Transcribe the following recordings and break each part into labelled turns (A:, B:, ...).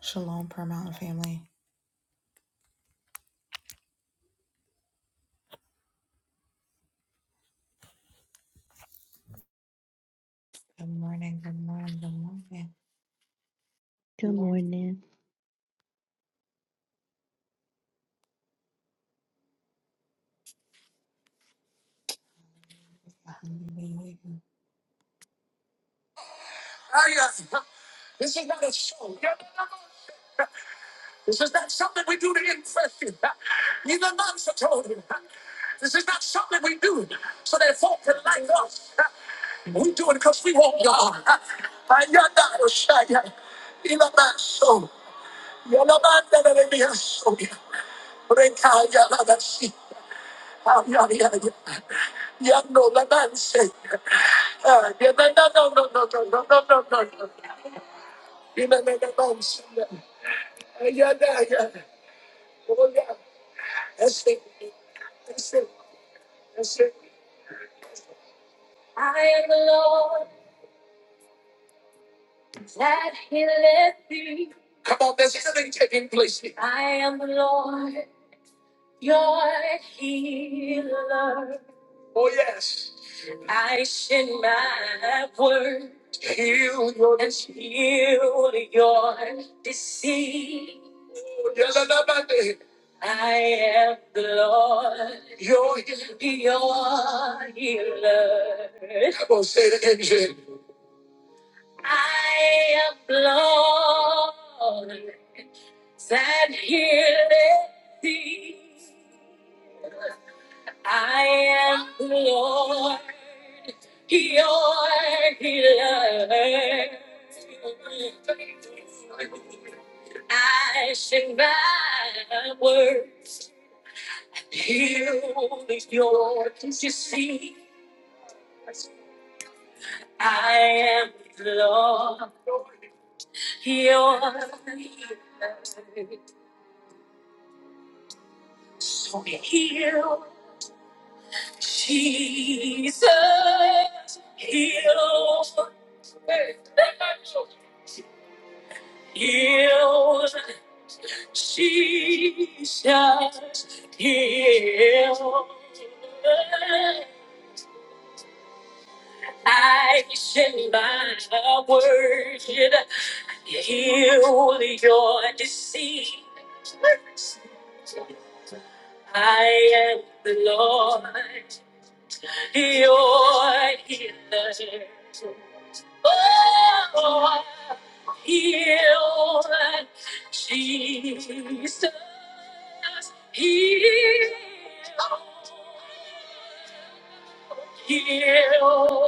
A: Shalom, Prayer Mountain family. Good morning, good morning, good morning.
B: Good
A: Lord,
B: morning.
A: hallelujah. I am the Lord that healeth thee. I am the Lord your healer. I send my word, heal your disease. I am the Lord your healer. I am Lord. Sat here let thee. I am the Lord, your healer. I sing my words, heal your disease. I am the Lord, your healer. So heal. Jesus, heal, heal, Jesus, heal. I send my word, heal your disease. I am the Lord. Your healer. Oh, heal, Jesus, heal, heal, Jesus, heal.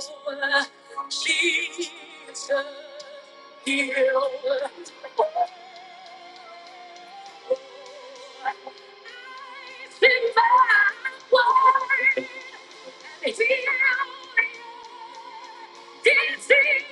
A: It's in my word, heal,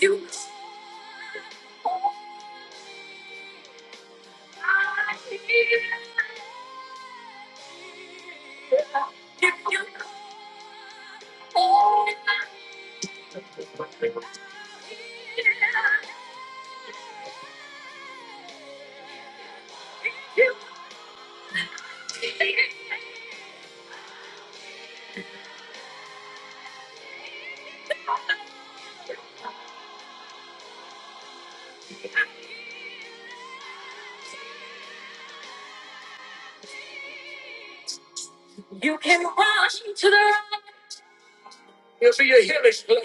A: You are here. If you call, you can run to the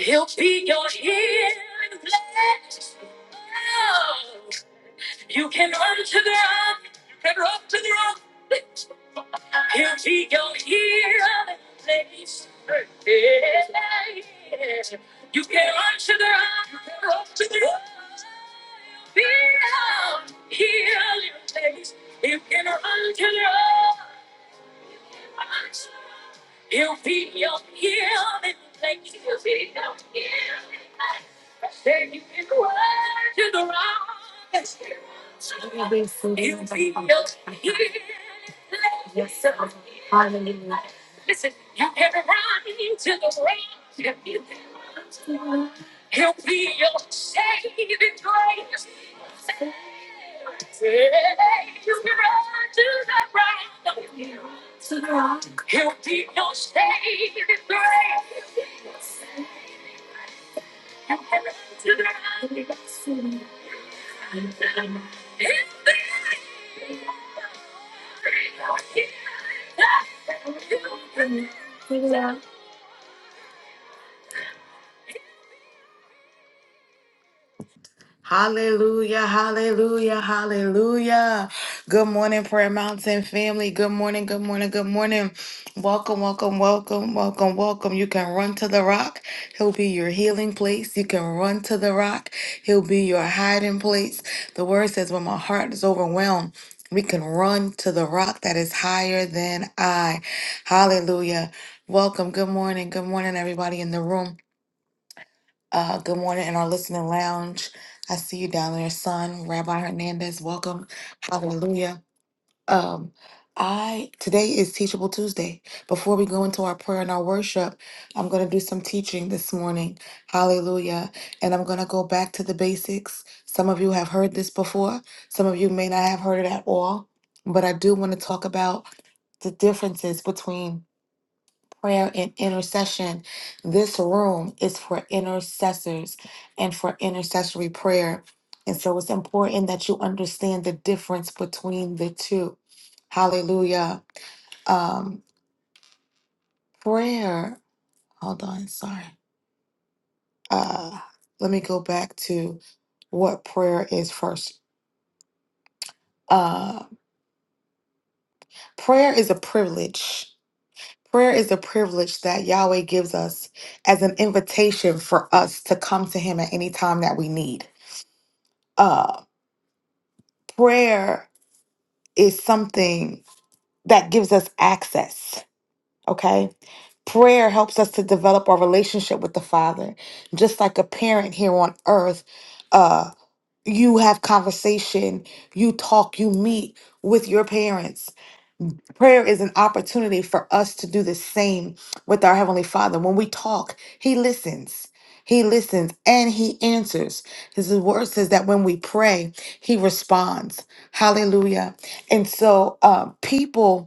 A: He'll be your healing place. Oh, you can run to the You can run to the He'll be your healing place. Yeah. You can run to the You can run to the He'll be your healing place. You can run to the You'll be your healing place. You'll be your healing place. Then you can run to the rock. You'll be your healing place. Yes, sir. Hallelujah. Listen, you can run to the rock. He'll be your saving grace. You can run to the rock. To the rock. He'll be your saving grace. To the rock. To the rock. Hallelujah, hallelujah, hallelujah. Good morning, Prayer Mountain family. Good morning, good morning, good morning. Welcome, welcome, welcome, welcome, welcome. You can run to the rock. He'll be your healing place. You can run to the rock. He'll be your hiding place. The word says, when my heart is overwhelmed, we can run to the rock that is higher than I. Hallelujah. Welcome. Good morning. Good morning, everybody in the room. Uh, good morning in our listening lounge. I see you down there, son. Rabbi Hernandez, welcome. Hallelujah. Um, I today is Teachable Tuesday. Before we go into our prayer and our worship, I'm going to do some teaching this morning. Hallelujah. And I'm going to go back to the basics. Some of you have heard this before. Some of you may not have heard it at all. But I do want to talk about the differences between prayer and intercession. This room is for intercessors and for intercessory prayer. And so it's important that you understand the difference between the two. Hallelujah. Um, prayer, hold on, sorry. Uh, let me go back to what prayer is first. Uh, prayer is a privilege. Prayer is a privilege that Yahweh gives us as an invitation for us to come to Him at any time that we need Uh, prayer is something that gives us access, okay? Prayer helps us to develop our relationship with the Father. Just like a parent here on earth, uh, you have conversation, you talk, you meet with your parents Prayer is an opportunity for us to do the same with our Heavenly Father. When we talk, He listens. He listens and He answers. His word says that when we pray, He responds. Hallelujah. And so, uh, people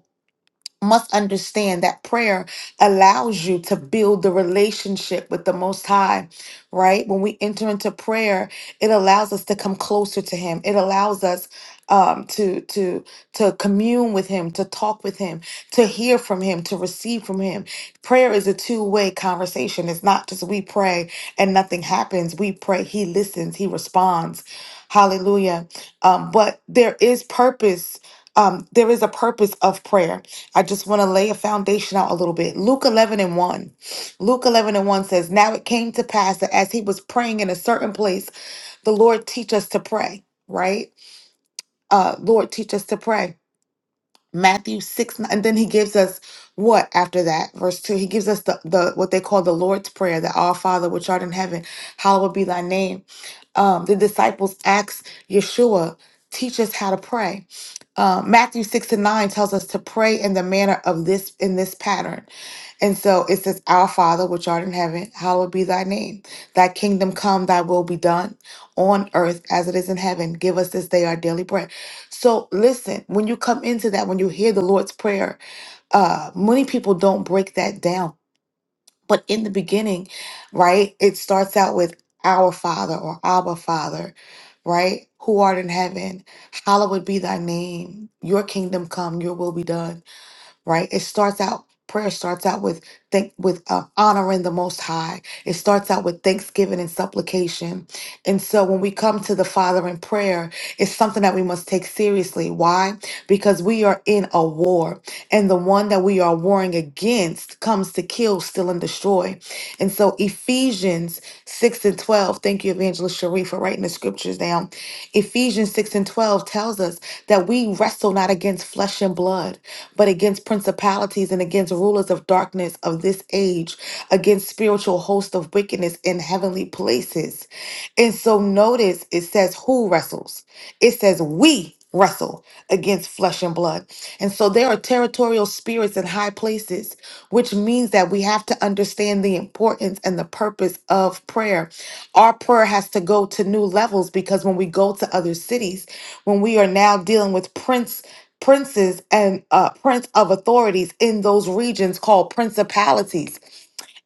A: must understand that prayer allows you to build the relationship with the Most High, right? When we enter into prayer, it allows us to come closer to Him. It allows us um, to to to commune with Him, to talk with Him, to hear from Him, to receive from Him. Prayer is a two way conversation. It's not just we pray and nothing happens. We pray, He listens, He responds. Hallelujah. Um, but there is purpose um, there is a purpose of prayer. I just want to lay a foundation out a little bit. Luke 11 and 1. Luke 11 and 1 says, Now it came to pass that as he was praying in a certain place, the Lord teach us to pray, right? Uh, Lord, teach us to pray. Matthew 6, n- and then he gives us what after that? Verse 2. He gives us the, the what they call the Lord's Prayer, that our Father which art in heaven, hallowed be thy name. Um, the disciples asked Yeshua, teach us how to pray uh, Matthew six and nine tells us to pray in the manner of this in this pattern, and so it says, "Our Father which art in heaven, hallowed be thy name. Thy kingdom come, thy will be done, on earth as it is in heaven. Give us this day our daily bread." So listen, when you come into that, when you hear the Lord's prayer, uh, many people don't break that down but in the beginning, right, it starts out with our Father or Abba Father, right? Who art in heaven, hallowed be thy name, your kingdom come, your will be done, right? It starts out prayer starts out with thank with uh, honoring the most high it starts out with thanksgiving and supplication and so when we come to the Father in prayer, it's something that we must take seriously. Why? Because we are in a war, and the one that we are warring against comes to kill, steal, and destroy. And so Ephesians 6 and 12, thank you, Evangelist Sharif, for writing the scriptures down. Ephesians 6 and 12 tells us that we wrestle not against flesh and blood, but against principalities and against rulers of darkness of this age, against spiritual hosts of wickedness taken us in heavenly places. And so notice it says who wrestles. It says we wrestle against flesh and blood. And so there are territorial spirits in high places, which means that we have to understand the importance and the purpose of prayer. Our prayer has to go to new levels because when we go to other cities, when we are now dealing with prince princes and uh prince of authorities in those regions called principalities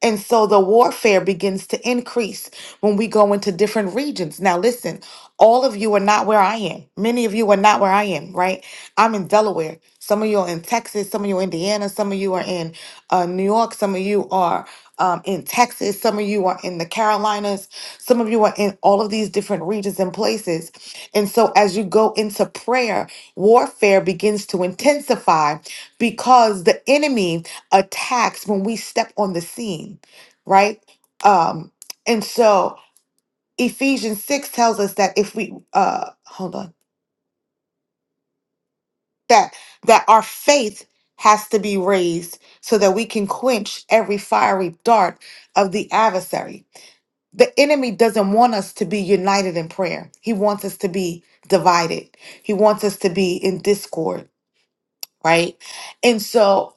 A: and so the warfare begins to increase when we go into different regions. Now, listen, all of you are not where I am. Many of you are not where I am, right? I'm in Delaware. Some of you are in Texas. Some of you are in Indiana. Some of you are in uh, New York. Some of you are um, in Texas. Some of you are in the Carolinas. Some of you are in all of these different regions and places. And so as you go into prayer, warfare begins to intensify because the enemy attacks when we step on the scene, right? Um, and so Ephesians 6 tells us that if we uh hold on, that that our faith has to be raised so that we can quench every fiery dart of the adversary. The enemy doesn't want us to be united in prayer. He wants us to be divided. He wants us to be in discord, right? And so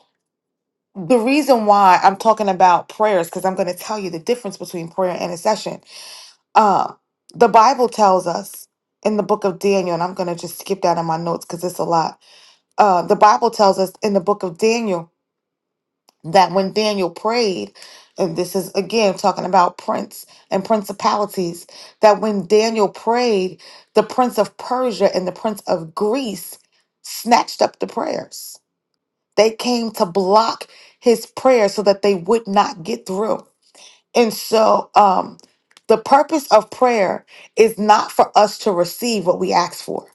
A: the reason why I'm talking about prayers because I'm going to tell you the difference between prayer and intercession. Um, the Bible tells us in the book of Daniel, and I'm going to just skip that in my notes because it's a lot. Uh, the Bible tells us in the book of Daniel that when Daniel prayed, and this is again talking about prince and principalities, that when Daniel prayed, the prince of Persia and the prince of Greece snatched up the prayers they came to block his prayer so that they would not get through. And so, um, the purpose of prayer is not for us to receive what we ask for,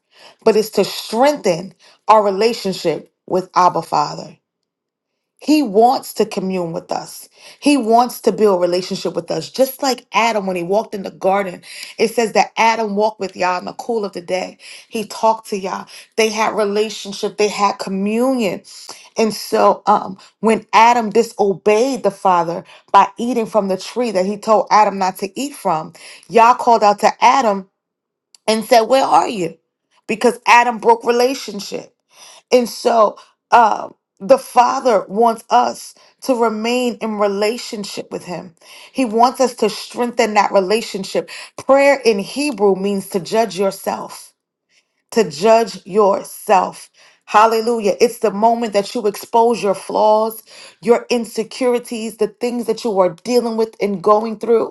A: but it's to strengthen our relationship with Abba Father. He wants to commune with us. He wants to build relationship with us. Just like Adam when he walked in the garden, it says that Adam walked with Yah in the cool of the day. He talked to Yah. They had relationship. They had communion. And so um when Adam disobeyed the father by eating from the tree that he told Adam not to eat from, Yah called out to Adam and said, "Where are you?" Because Adam broke relationship. And so um, the Father wants us to remain in relationship with Him. He wants us to strengthen that relationship. Prayer in Hebrew means to judge yourself, to judge yourself. Hallelujah. It's the moment that you expose your flaws, your insecurities, the things that you are dealing with and going through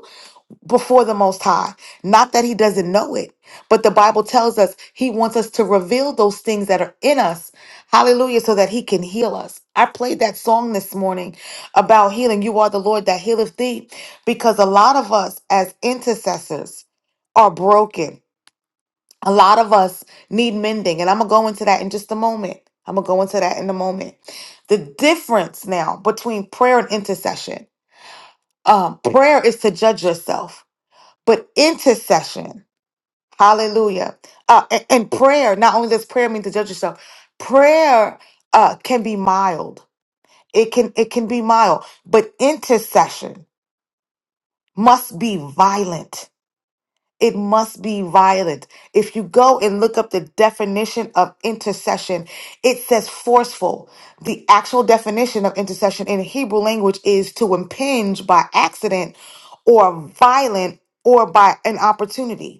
A: before the Most High. Not that He doesn't know it, but the Bible tells us He wants us to reveal those things that are in us. Hallelujah, so that He can heal us. I played that song this morning about healing. You are the Lord that healeth thee, because a lot of us as intercessors are broken. A lot of us need mending, and I'm gonna go into that in just a moment. I'm gonna go into that in a moment. The difference now between prayer and intercession. Um, prayer is to judge yourself but intercession. Hallelujah. Uh, and, and prayer, not only does prayer mean to judge yourself, prayer uh, can be mild. It can it can be mild, but intercession must be violent. It must be violent. If you go and look up the definition of intercession, it says forceful. The actual definition of intercession in Hebrew language is to impinge by accident or violent or by an opportunity.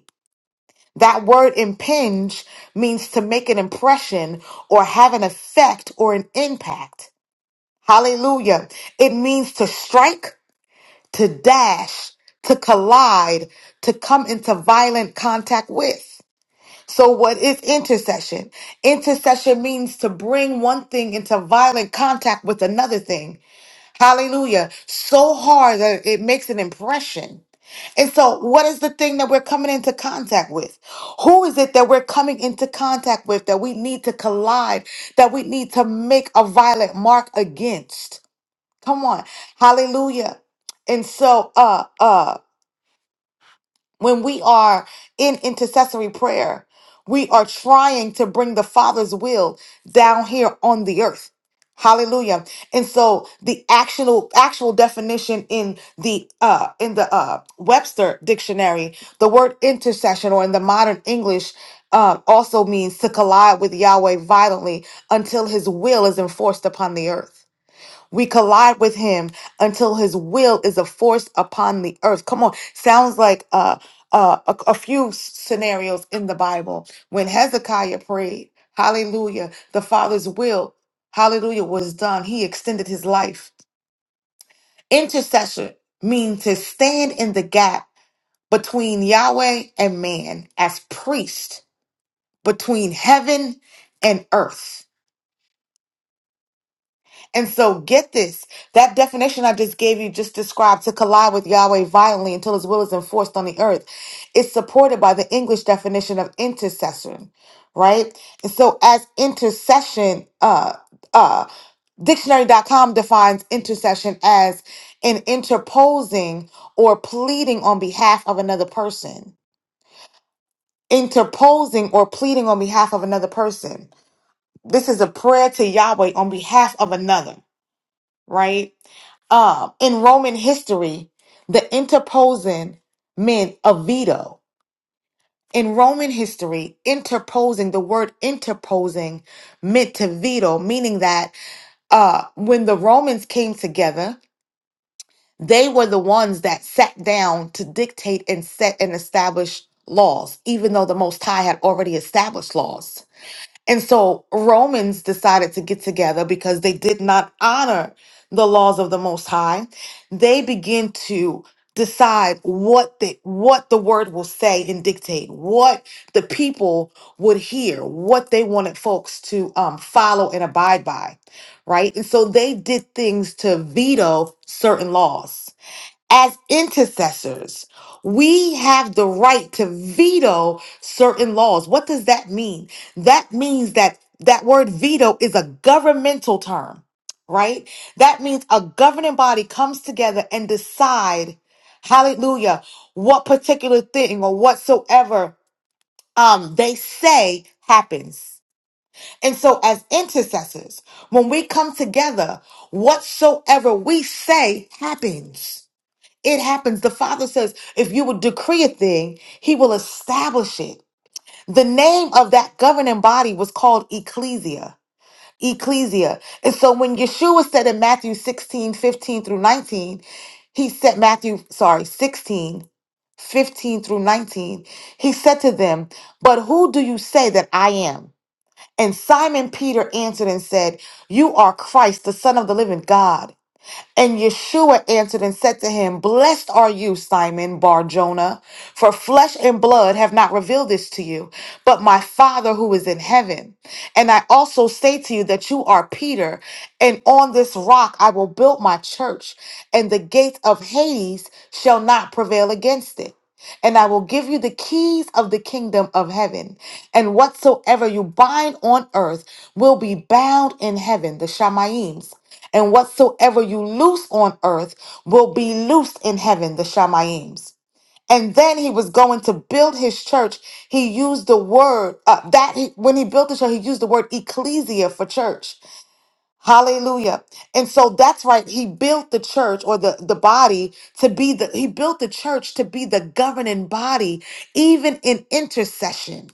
A: That word impinge means to make an impression or have an effect or an impact. Hallelujah. It means to strike, to dash, to collide, to come into violent contact with. So, what is intercession? Intercession means to bring one thing into violent contact with another thing. Hallelujah. So hard that it makes an impression. And so, what is the thing that we're coming into contact with? Who is it that we're coming into contact with that we need to collide, that we need to make a violent mark against? Come on. Hallelujah. And so, uh, uh, when we are in intercessory prayer, we are trying to bring the Father's will down here on the earth. Hallelujah. And so the actual actual definition in the uh in the uh Webster dictionary, the word intercession or in the modern English uh, also means to collide with Yahweh violently until his will is enforced upon the earth. We collide with him until his will is a force upon the earth. Come on. Sounds like uh, uh, a, a few s- scenarios in the Bible. When Hezekiah prayed, hallelujah, the Father's will, hallelujah, was done. He extended his life. Intercession means to stand in the gap between Yahweh and man as priest, between heaven and earth. And so get this. That definition I just gave you just described to collide with Yahweh violently until his will is enforced on the earth is supported by the English definition of intercession, right? And so as intercession, uh uh dictionary.com defines intercession as an interposing or pleading on behalf of another person. Interposing or pleading on behalf of another person. This is a prayer to Yahweh on behalf of another, right? uh, in Roman history, the interposing meant a veto. In Roman history, interposing, the word interposing meant to veto, meaning that uh, when the Romans came together, they were the ones that sat down to dictate and set and establish laws, even though the Most High had already established laws. And so Romans decided to get together because they did not honor the laws of the most high. They begin to decide what the what the word will say and dictate, what the people would hear, what they wanted folks to um, follow and abide by, right? And so they did things to veto certain laws as intercessors, we have the right to veto certain laws. What does that mean? That means that that word veto is a governmental term, right? That means a governing body comes together and decide, hallelujah, what particular thing or whatsoever um, they say happens. And so as intercessors, when we come together, whatsoever we say happens it happens. The Father says, if you would decree a thing, He will establish it. The name of that governing body was called Ecclesia. Ecclesia. And so when Yeshua said in Matthew 16, 15 through 19, he said, Matthew, sorry, 16, 15 through 19, he said to them, But who do you say that I am? And Simon Peter answered and said, You are Christ, the Son of the living God. And Yeshua answered and said to him, Blessed are you, Simon Bar Jonah, for flesh and blood have not revealed this to you, but my Father who is in heaven. And I also say to you that you are Peter, and on this rock I will build my church, and the gates of Hades shall not prevail against it and I will give you the keys of the kingdom of heaven. And whatsoever you bind on earth will be bound in heaven, the Shamayims. And whatsoever you loose on earth will be loosed in heaven, the Shamayims. And then he was going to build his church. He used the word uh, that he, when he built the church, he used the word ecclesia for church. Hallelujah. And so that's right. He built the church or the, the body to be the, he built the church to be the governing body, even in intercession.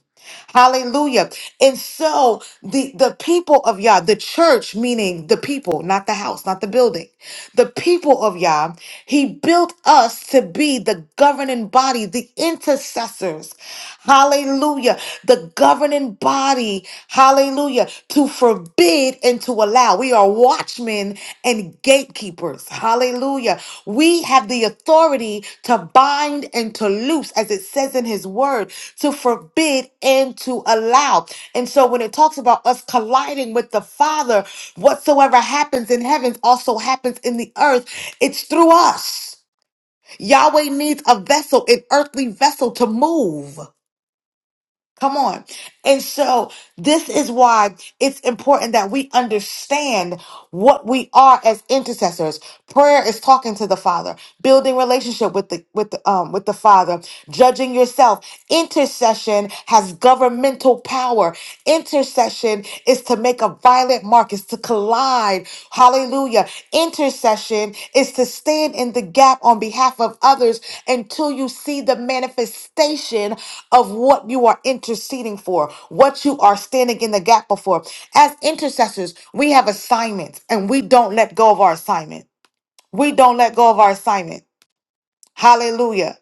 A: Hallelujah. And so the, the people of Yah, the church, meaning the people, not the house, not the building, the people of Yah, he built us to be the governing body, the intercessors. Hallelujah. The governing body, hallelujah, to forbid and to allow. We are watchmen and gatekeepers. Hallelujah. We have the authority to bind and to loose, as it says in his word, to forbid and to allow. And so when it talks about us colliding with the Father, whatsoever happens in heavens also happens in the earth. It's through us. Yahweh needs a vessel, an earthly vessel to move. Come on. And so this is why it's important that we understand what we are as intercessors. Prayer is talking to the Father, building relationship with the with the, um with the Father, judging yourself. Intercession has governmental power. Intercession is to make a Violent markets to collide. Hallelujah. Intercession is to stand in the gap on behalf of others until you see the manifestation of what you are interceding for, what you are standing in the gap before. As intercessors, we have assignments and we don't let go of our assignment. We don't let go of our assignment. Hallelujah.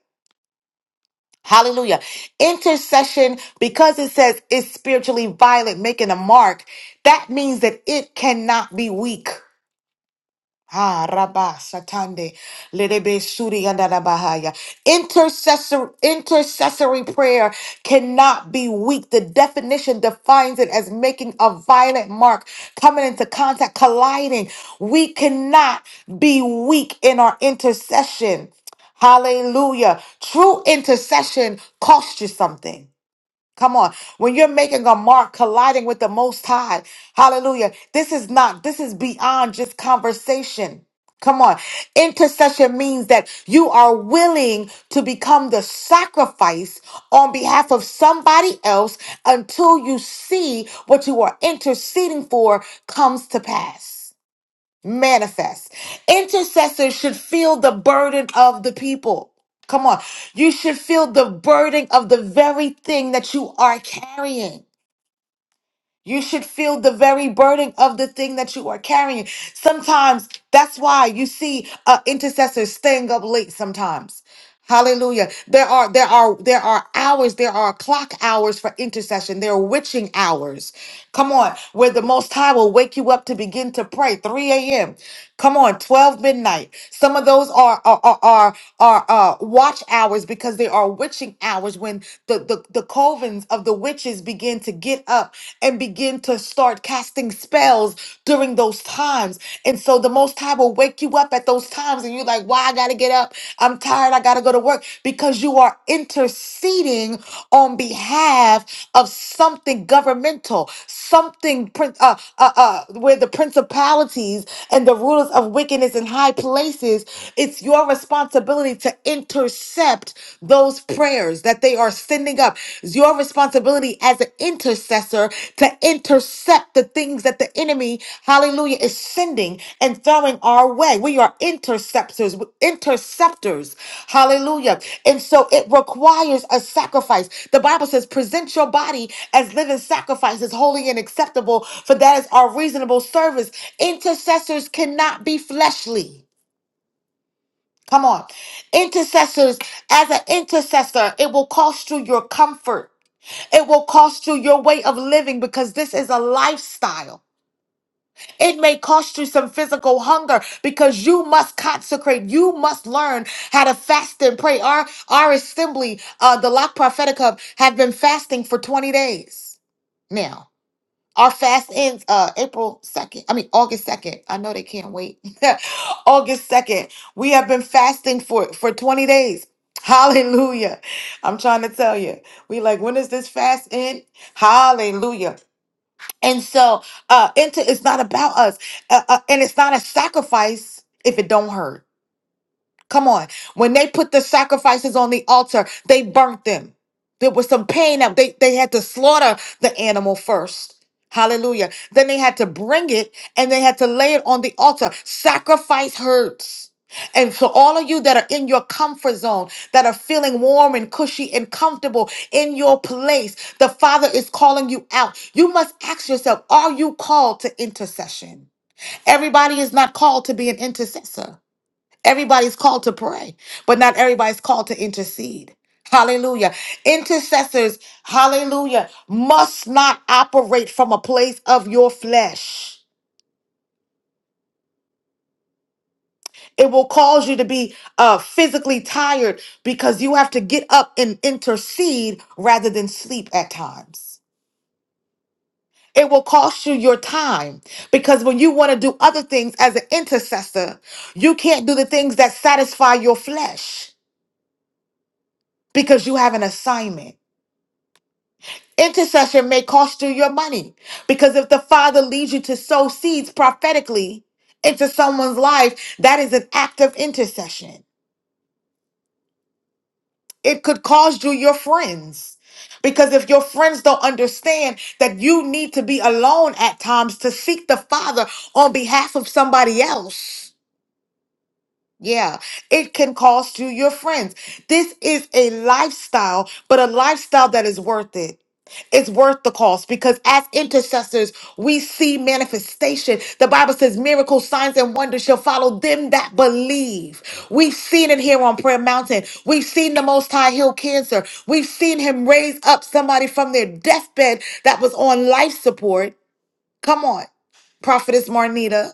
A: Hallelujah. Intercession, because it says it's spiritually violent, making a mark, that means that it cannot be weak. Ha rabba satande lerebe suri andada bahaya. Intercessor, intercessory prayer cannot be weak. The definition defines it as making a violent mark, coming into contact, colliding. We cannot be weak in our intercession. Hallelujah. True intercession costs you something. Come on. When you're making a mark, colliding with the Most High, hallelujah. This is not, this is beyond just conversation. Come on. Intercession means that you are willing to become the sacrifice on behalf of somebody else until you see what you are interceding for comes to pass manifest. Intercessors should feel the burden of the people. Come on. You should feel the burden of the very thing that you are carrying. You should feel the very burden of the thing that you are carrying. Sometimes that's why you see uh, intercessors staying up late sometimes. Hallelujah. There are there are there are hours, there are clock hours for intercession. There are witching hours. Come on, where the most high will wake you up to begin to pray. 3 a.m. Come on, 12 midnight. Some of those are are are are, are uh watch hours because they are witching hours when the the the covens of the witches begin to get up and begin to start casting spells during those times. And so the Most High will wake you up at those times and you're like, why I gotta get up? I'm tired. I gotta go to work because you are interceding on behalf of something governmental, something prin- uh, uh, uh, where the principalities and the rulers of wickedness in high places, it's your responsibility to intercede intercept those prayers that they are sending up. It's your responsibility as an intercessor to intercept the things that the enemy, hallelujah, is sending and throwing our way. We are interceptors, interceptors, hallelujah. And so it requires a sacrifice. The Bible says, present your body as living sacrifices, holy and acceptable, for that is our reasonable service. Intercessors cannot be fleshly. Come on. Intercessors, as an intercessor, it will cost you your comfort. It will cost you your way of living because this is a lifestyle. It may cost you some physical hunger because you must consecrate. You must learn how to fast and pray. Our, our assembly, uh, the Lock Prophetic Hub, have been fasting for 20 days now. Our fast ends uh April 2nd. I mean August 2nd. I know they can't wait. August 2nd. We have been fasting for for 20 days. Hallelujah. I'm trying to tell you. We like when is this fast end? Hallelujah. And so uh into it's not about us. Uh, uh, and it's not a sacrifice if it don't hurt. Come on. When they put the sacrifices on the altar, they burnt them. There was some pain that they, they had to slaughter the animal first. Hallelujah. Then they had to bring it and they had to lay it on the altar. Sacrifice hurts. And so, all of you that are in your comfort zone, that are feeling warm and cushy and comfortable in your place, the Father is calling you out. You must ask yourself, are you called to intercession? Everybody is not called to be an intercessor. Everybody's called to pray, but not everybody's called to intercede. Hallelujah. Intercessors, hallelujah, must not operate from a place of your flesh. It will cause you to be uh, physically tired because you have to get up and intercede rather than sleep at times. It will cost you your time because when you want to do other things as an intercessor, you can't do the things that satisfy your flesh because you have an assignment. Intercession may cost you your money because if the Father leads you to sow seeds prophetically into someone's life, that is an act of intercession. It could cost you your friends because if your friends don't understand that you need to be alone at times to seek the Father on behalf of somebody else. Yeah, it can cost you your friends. This is a lifestyle, but a lifestyle that is worth it. It's worth the cost because as intercessors, we see manifestation. The Bible says miracles, signs, and wonders shall follow them that believe. We've seen it here on Prayer Mountain. We've seen the Most High heal cancer. We've seen him raise up somebody from their deathbed that was on life support. Come on, Prophetess Marnita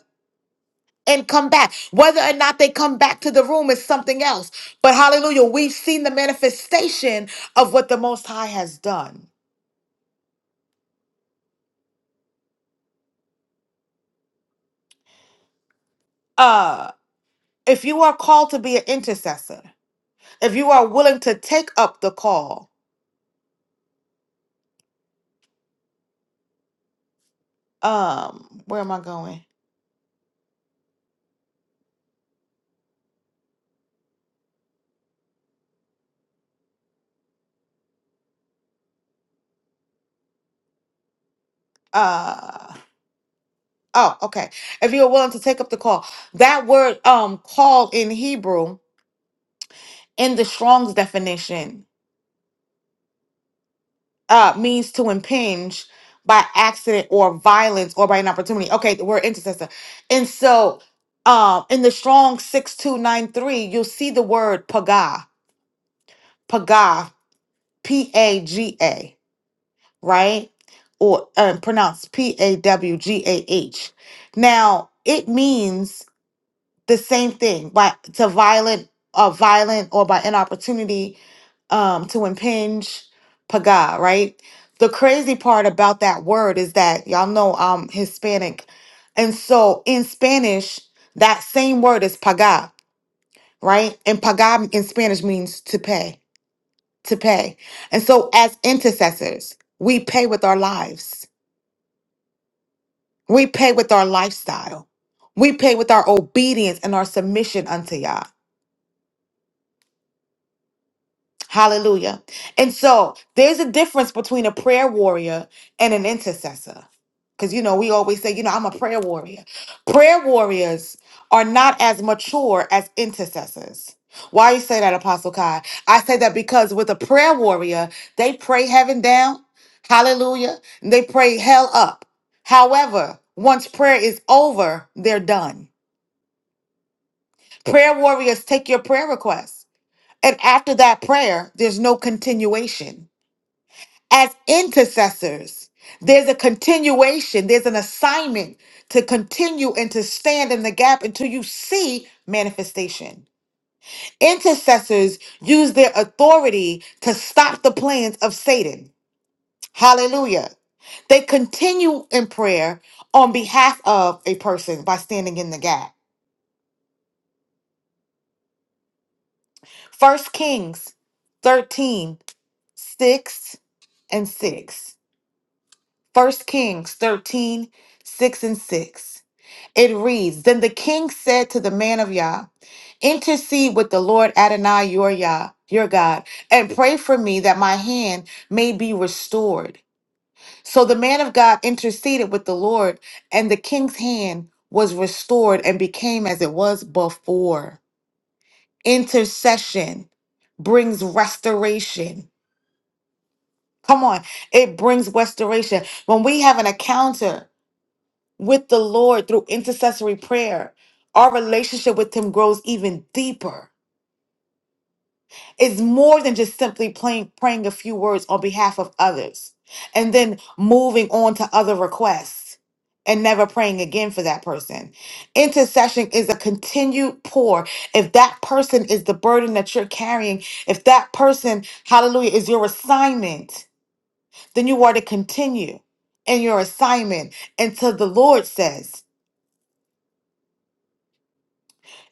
A: and come back. Whether or not they come back to the room is something else. But hallelujah, we've seen the manifestation of what the Most High has done. Uh, if you are called to be an intercessor, if you are willing to take up the call, um, where am I going? Uh oh, okay. If you are willing to take up the call, that word um call in Hebrew in the Strong's definition uh, means to impinge by accident or violence or by an opportunity. Okay, the word intercessor. And so um, in the strong 6293, you'll see the word paga, paga, P A G A, right? Or uh pronounced P A W G A H. Now, it means the same thing by to violent, uh, violent or by inopportunity um, to impinge paga, right? The crazy part about that word is that y'all know I'm Hispanic. And so in Spanish, that same word is paga, right? And paga in Spanish means to pay, to pay. And so as intercessors, we pay with our lives, we pay with our lifestyle, we pay with our obedience and our submission unto Yah. Hallelujah. And so there's a difference between a prayer warrior and an intercessor. Because, you know, we always say, you know, I'm a prayer warrior. Prayer warriors are not as mature as intercessors. Why you say that, Apostle Kai? I say that because with a prayer warrior, they pray heaven down. Hallelujah. And they pray hell up. However, once prayer is over, they're done. Prayer warriors take your prayer requests. And after that prayer, there's no continuation as intercessors. There's a continuation, there's an assignment to continue and to stand in the gap until you see manifestation. Intercessors use their authority to stop the plans of Satan. Hallelujah. They continue in prayer on behalf of a person by standing in the gap. First Kings 13 6 and 6. First Kings 13 6 and 6. It reads Then the king said to the man of Yah, Intercede with the Lord Adonai your Yah, your God, and pray for me that my hand may be restored. So the man of God interceded with the Lord, and the king's hand was restored and became as it was before. Intercession brings restoration. Come on, it brings restoration. When we have an encounter, with the Lord through intercessory prayer, our relationship with Him grows even deeper. It's more than just simply playing, praying a few words on behalf of others and then moving on to other requests and never praying again for that person. Intercession is a continued pour. If that person is the burden that you're carrying, if that person, hallelujah, is your assignment, then you are to continue in your assignment until the Lord says.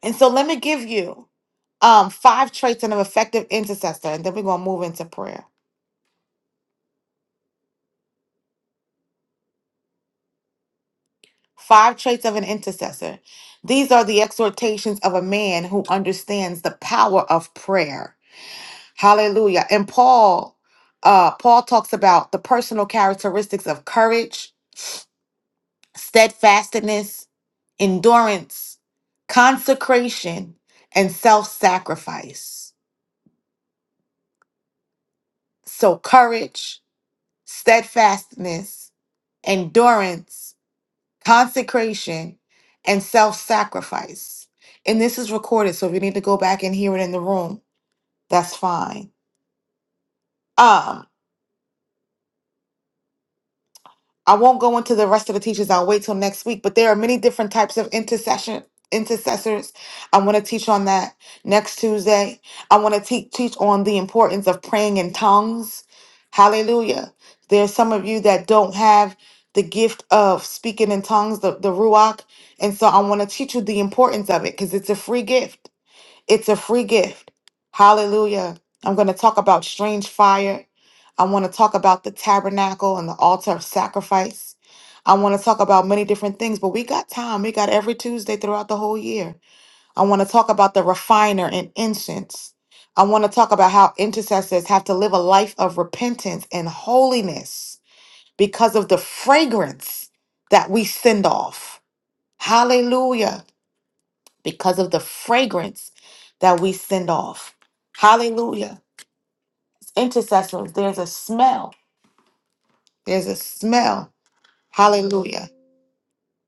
A: And so let me give you um five traits of an effective intercessor, and then we're gonna move into prayer. Five traits of an intercessor. These are the exhortations of a man who understands the power of prayer. Hallelujah. And Paul, uh, Paul talks about the personal characteristics of courage, steadfastness, endurance, consecration, and self-sacrifice. So courage, steadfastness, endurance, consecration, and self sacrifice. And this is recorded, so if you need to go back and hear it in the room, that's fine. Um, I won't go into the rest of the teachings. I'll wait till next week. But there are many different types of intercession intercessors. I want to teach on that next Tuesday. I want to te- teach on the importance of praying in tongues. Hallelujah. There's some of you that don't have the gift of speaking in tongues, the, the Ruach. And so I want to teach you the importance of it because it's a free gift. It's a free gift. Hallelujah. I'm going to talk about strange fire. I want to talk about the tabernacle and the altar of sacrifice. I want to talk about many different things, but we got time. We got every Tuesday throughout the whole year. I want to talk about the refiner and incense. I want to talk about how intercessors have to live a life of repentance and holiness because of the fragrance that we send off. Hallelujah because of the fragrance that we send off. Hallelujah. Intercessors, there's a smell. There's a smell. Hallelujah.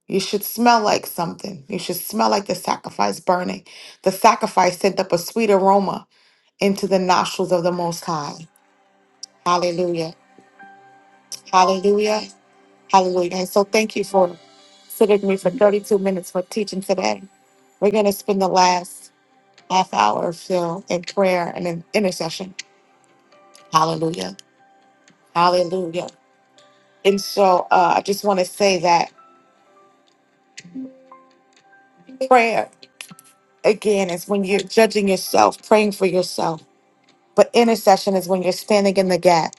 A: You should smell like something. You should smell like the sacrifice burning. The sacrifice sent up a sweet aroma into the nostrils of the Most High. Hallelujah. Hallelujah. Hallelujah. And so thank you for sitting with me for 32 minutes for teaching today. We're going to spend the last half hour or so in prayer and in intercession. Hallelujah. Hallelujah. And so uh, I just want to say that prayer, again, is when you're judging yourself, praying for yourself. But intercession is when you're standing in the gap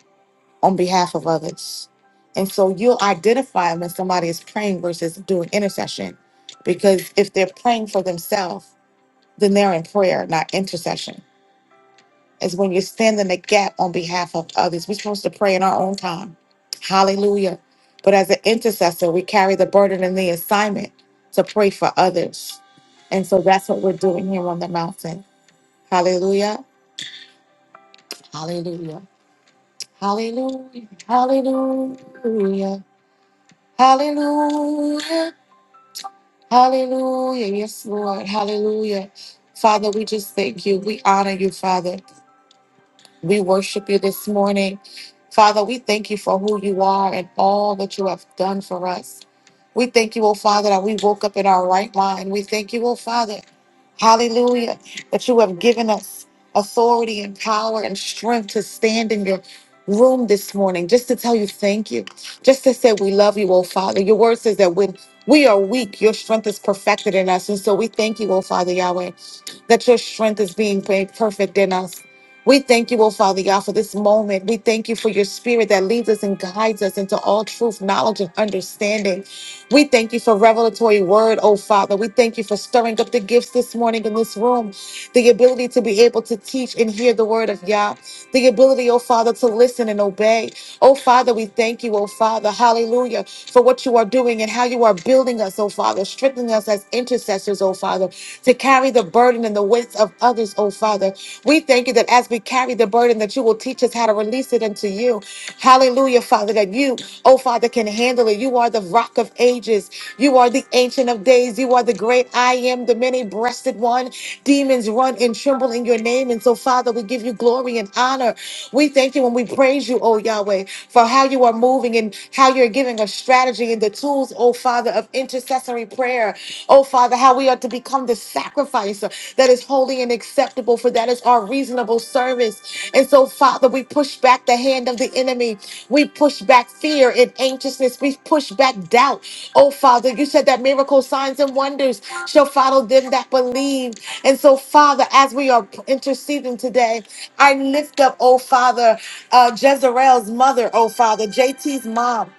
A: on behalf of others. And so you'll identify when somebody is praying versus doing intercession. Because if they're praying for themselves, then they're in prayer, not intercession. is when you stand in the gap on behalf of others. We're supposed to pray in our own time. Hallelujah. But as an intercessor, we carry the burden and the assignment to pray for others. And so that's what we're doing here on the mountain. Hallelujah. Hallelujah. Hallelujah. Hallelujah. Hallelujah. Hallelujah. Yes, Lord. Hallelujah. Father, we just thank you. We honor you, Father. We worship you this morning. Father, we thank you for who you are and all that you have done for us. We thank you, oh Father, that we woke up in our right mind. We thank you, oh Father, hallelujah, that you have given us authority and power and strength to stand in your room this morning just to tell you thank you, just to say we love you, oh Father. Your word says that when we are weak, your strength is perfected in us. And so we thank you, oh Father Yahweh, that your strength is being made perfect in us. We thank you, oh Father God, for this moment. We thank you for your spirit that leads us and guides us into all truth, knowledge, and understanding. We thank you for revelatory word, oh Father. We thank you for stirring up the gifts this morning in this room, the ability to be able to teach and hear the word of Yah, the ability, oh Father, to listen and obey. Oh Father, we thank you, oh Father, hallelujah, for what you are doing and how you are building us, oh Father, strengthening us as intercessors, oh Father, to carry the burden and the weights of others, oh Father. We thank you that as we carry the burden, that you will teach us how knows how to release it unto you. Hallelujah, Father, that you, oh Father, can handle it. You are the rock of ages. You are the ancient of days. You are the great I am, the many breasted one. Demons run and tremble in your name. And so, Father, we give you glory and honor. We thank you and we praise you, oh Yahweh, for how you are moving and how you're giving us strategy and the tools, oh Father, of intercessory prayer. Oh Father, how we are to become the sacrifice uh, that is holy and acceptable, for that is our reasonable service. And so, Father, we push back the hand of the enemy. We push back fear and anxiousness. We push back doubt. Oh, Father, you said that miracle signs and wonders shall follow them that believe. And so, Father, as we are interceding today, I lift up, oh, Father, uh, Jezreel's mother, oh, Father, JT's mom.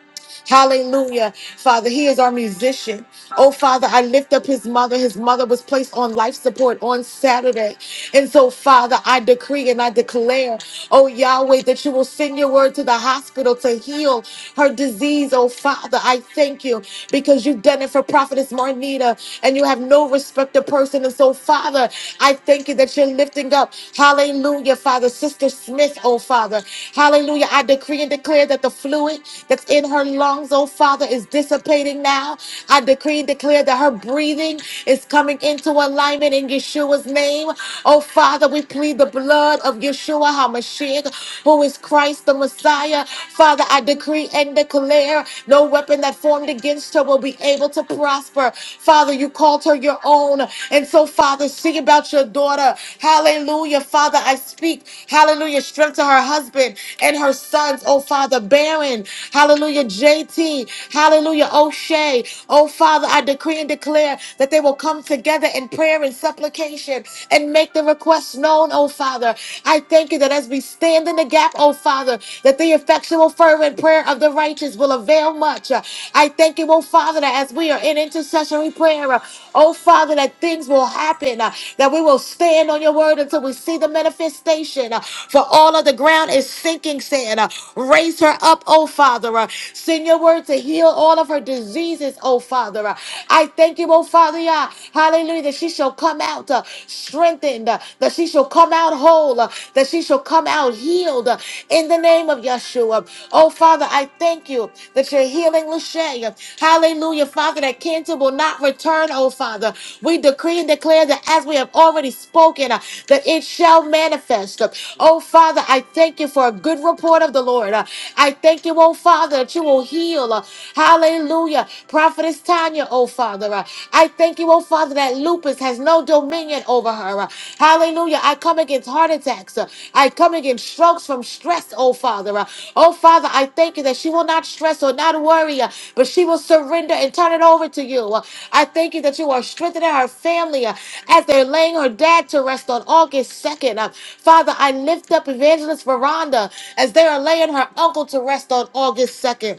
A: Hallelujah. Father, he is our musician. Oh, Father, I lift up his mother. His mother was placed on life support on Saturday. And so, Father, I decree and I declare, oh, Yahweh, that you will send your word to the hospital to heal her disease. Oh, Father, I thank you because you've done it for Prophetess Marnita and you have no respect to person. And so, Father, I thank you that you're lifting up. Hallelujah, Father. Sister Smith, oh, Father. Hallelujah. I decree and declare that the fluid that's in her lungs lungs, oh Father, is dissipating now. I decree and declare that her breathing is coming into alignment in Yeshua's name. Oh Father, we plead the blood of Yeshua HaMashiach, who is Christ the Messiah. Father, I decree and declare no weapon that formed against her will be able to prosper. Father, you called her your own. And so, Father, see about your daughter. Hallelujah. Father, I speak, hallelujah, strength to her husband and her sons. Oh, Father, barren. Hallelujah. JT, hallelujah, O'Shea. Oh, Father, I decree and declare that they will come together in prayer and supplication and make the requests known, oh, Father. I thank you that as we stand in the gap, oh, Father, that the effectual, fervent prayer of the righteous will avail much. Uh, I thank you, oh, Father, that as we are in intercessory prayer, uh, oh, Father, that things will happen, uh, that we will stand on your word until we see the manifestation. uh, For all of the ground is sinking, saying, uh, Raise her up, oh, Father. uh, send your word to heal all of her diseases, oh Father. I thank you, oh Father, yeah. hallelujah, that she shall come out uh, strengthened, uh, that she shall come out whole, uh, that she shall come out healed uh, in the name of Yeshua. Oh Father, I thank you that you're healing Lachey. Hallelujah, Father, that cancer will not return, oh Father. We decree and declare that as we have already spoken, uh, that it shall manifest. Oh Father, I thank you for a good report of the Lord. Uh, I thank you, oh Father, that you will will heal. Uh, Hallelujah. Prophetess Tanya, oh Father, uh, I thank you, oh Father, that lupus has no dominion over her. Uh, Hallelujah. I come against heart attacks. Uh, I come against strokes from stress, oh Father. Uh, Oh Father, I thank you that she will not stress or not worry, uh, but she will surrender and turn it over to you. Uh, I thank you that you are strengthening her family uh, as they're laying her dad to rest on August 2nd. Uh, Father, I lift up Evangelist Veranda as they are laying her uncle to rest on August 2nd.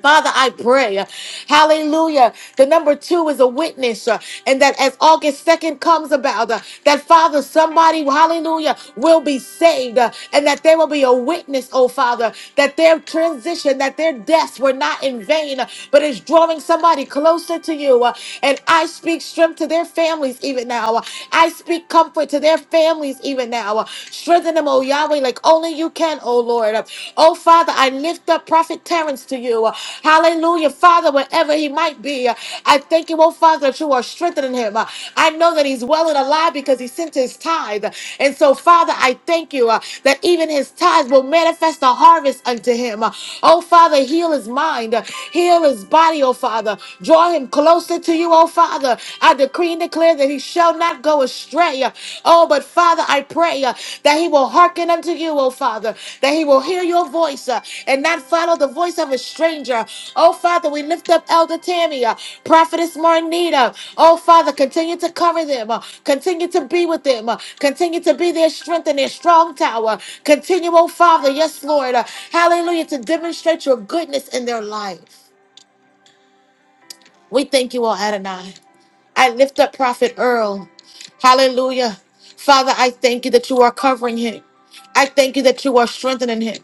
A: Father, I pray, uh, hallelujah. The number two is a witness, uh, and that as August 2nd comes about, uh, that Father, somebody, hallelujah, will be saved, uh, and that there will be a witness, oh Father, that their transition, that their deaths were not in vain, uh, but is drawing somebody closer to you. uh, and I speak strength to their families even now. uh, I speak comfort to their families even now. uh, strengthen them, oh Yahweh. Yahweh, like only you can, oh Lord. Oh Father, I lift up Prophet Terrence to you. Hallelujah, Father, wherever he might be. I thank you, oh Father, that you are strengthening him. I know that he's well and alive because he sent his tithe. And so, Father, I thank you uh, that even his tithes will manifest a harvest unto him. Uh, Oh Father, heal his mind, uh, heal his body, oh Father. Draw him closer to you, oh Father. I decree and declare that that he shall not go astray. Oh, but Father, I pray uh, that he will hearken unto you, oh Father, that he will hear your voice uh, and not follow the voice of a stranger. Oh Father, we lift up Elder Tammy, uh, Prophetess Marnita. Oh Father, continue to cover them, uh, continue to be with them, uh, continue to be their strength and their strong tower. Continue, oh Father, yes, Lord, uh, hallelujah, to demonstrate your goodness in their life. We thank you, O Adonai. I lift up Prophet Earl. Hallelujah. Father, I thank you that you are covering him. I thank you that you are strengthening him.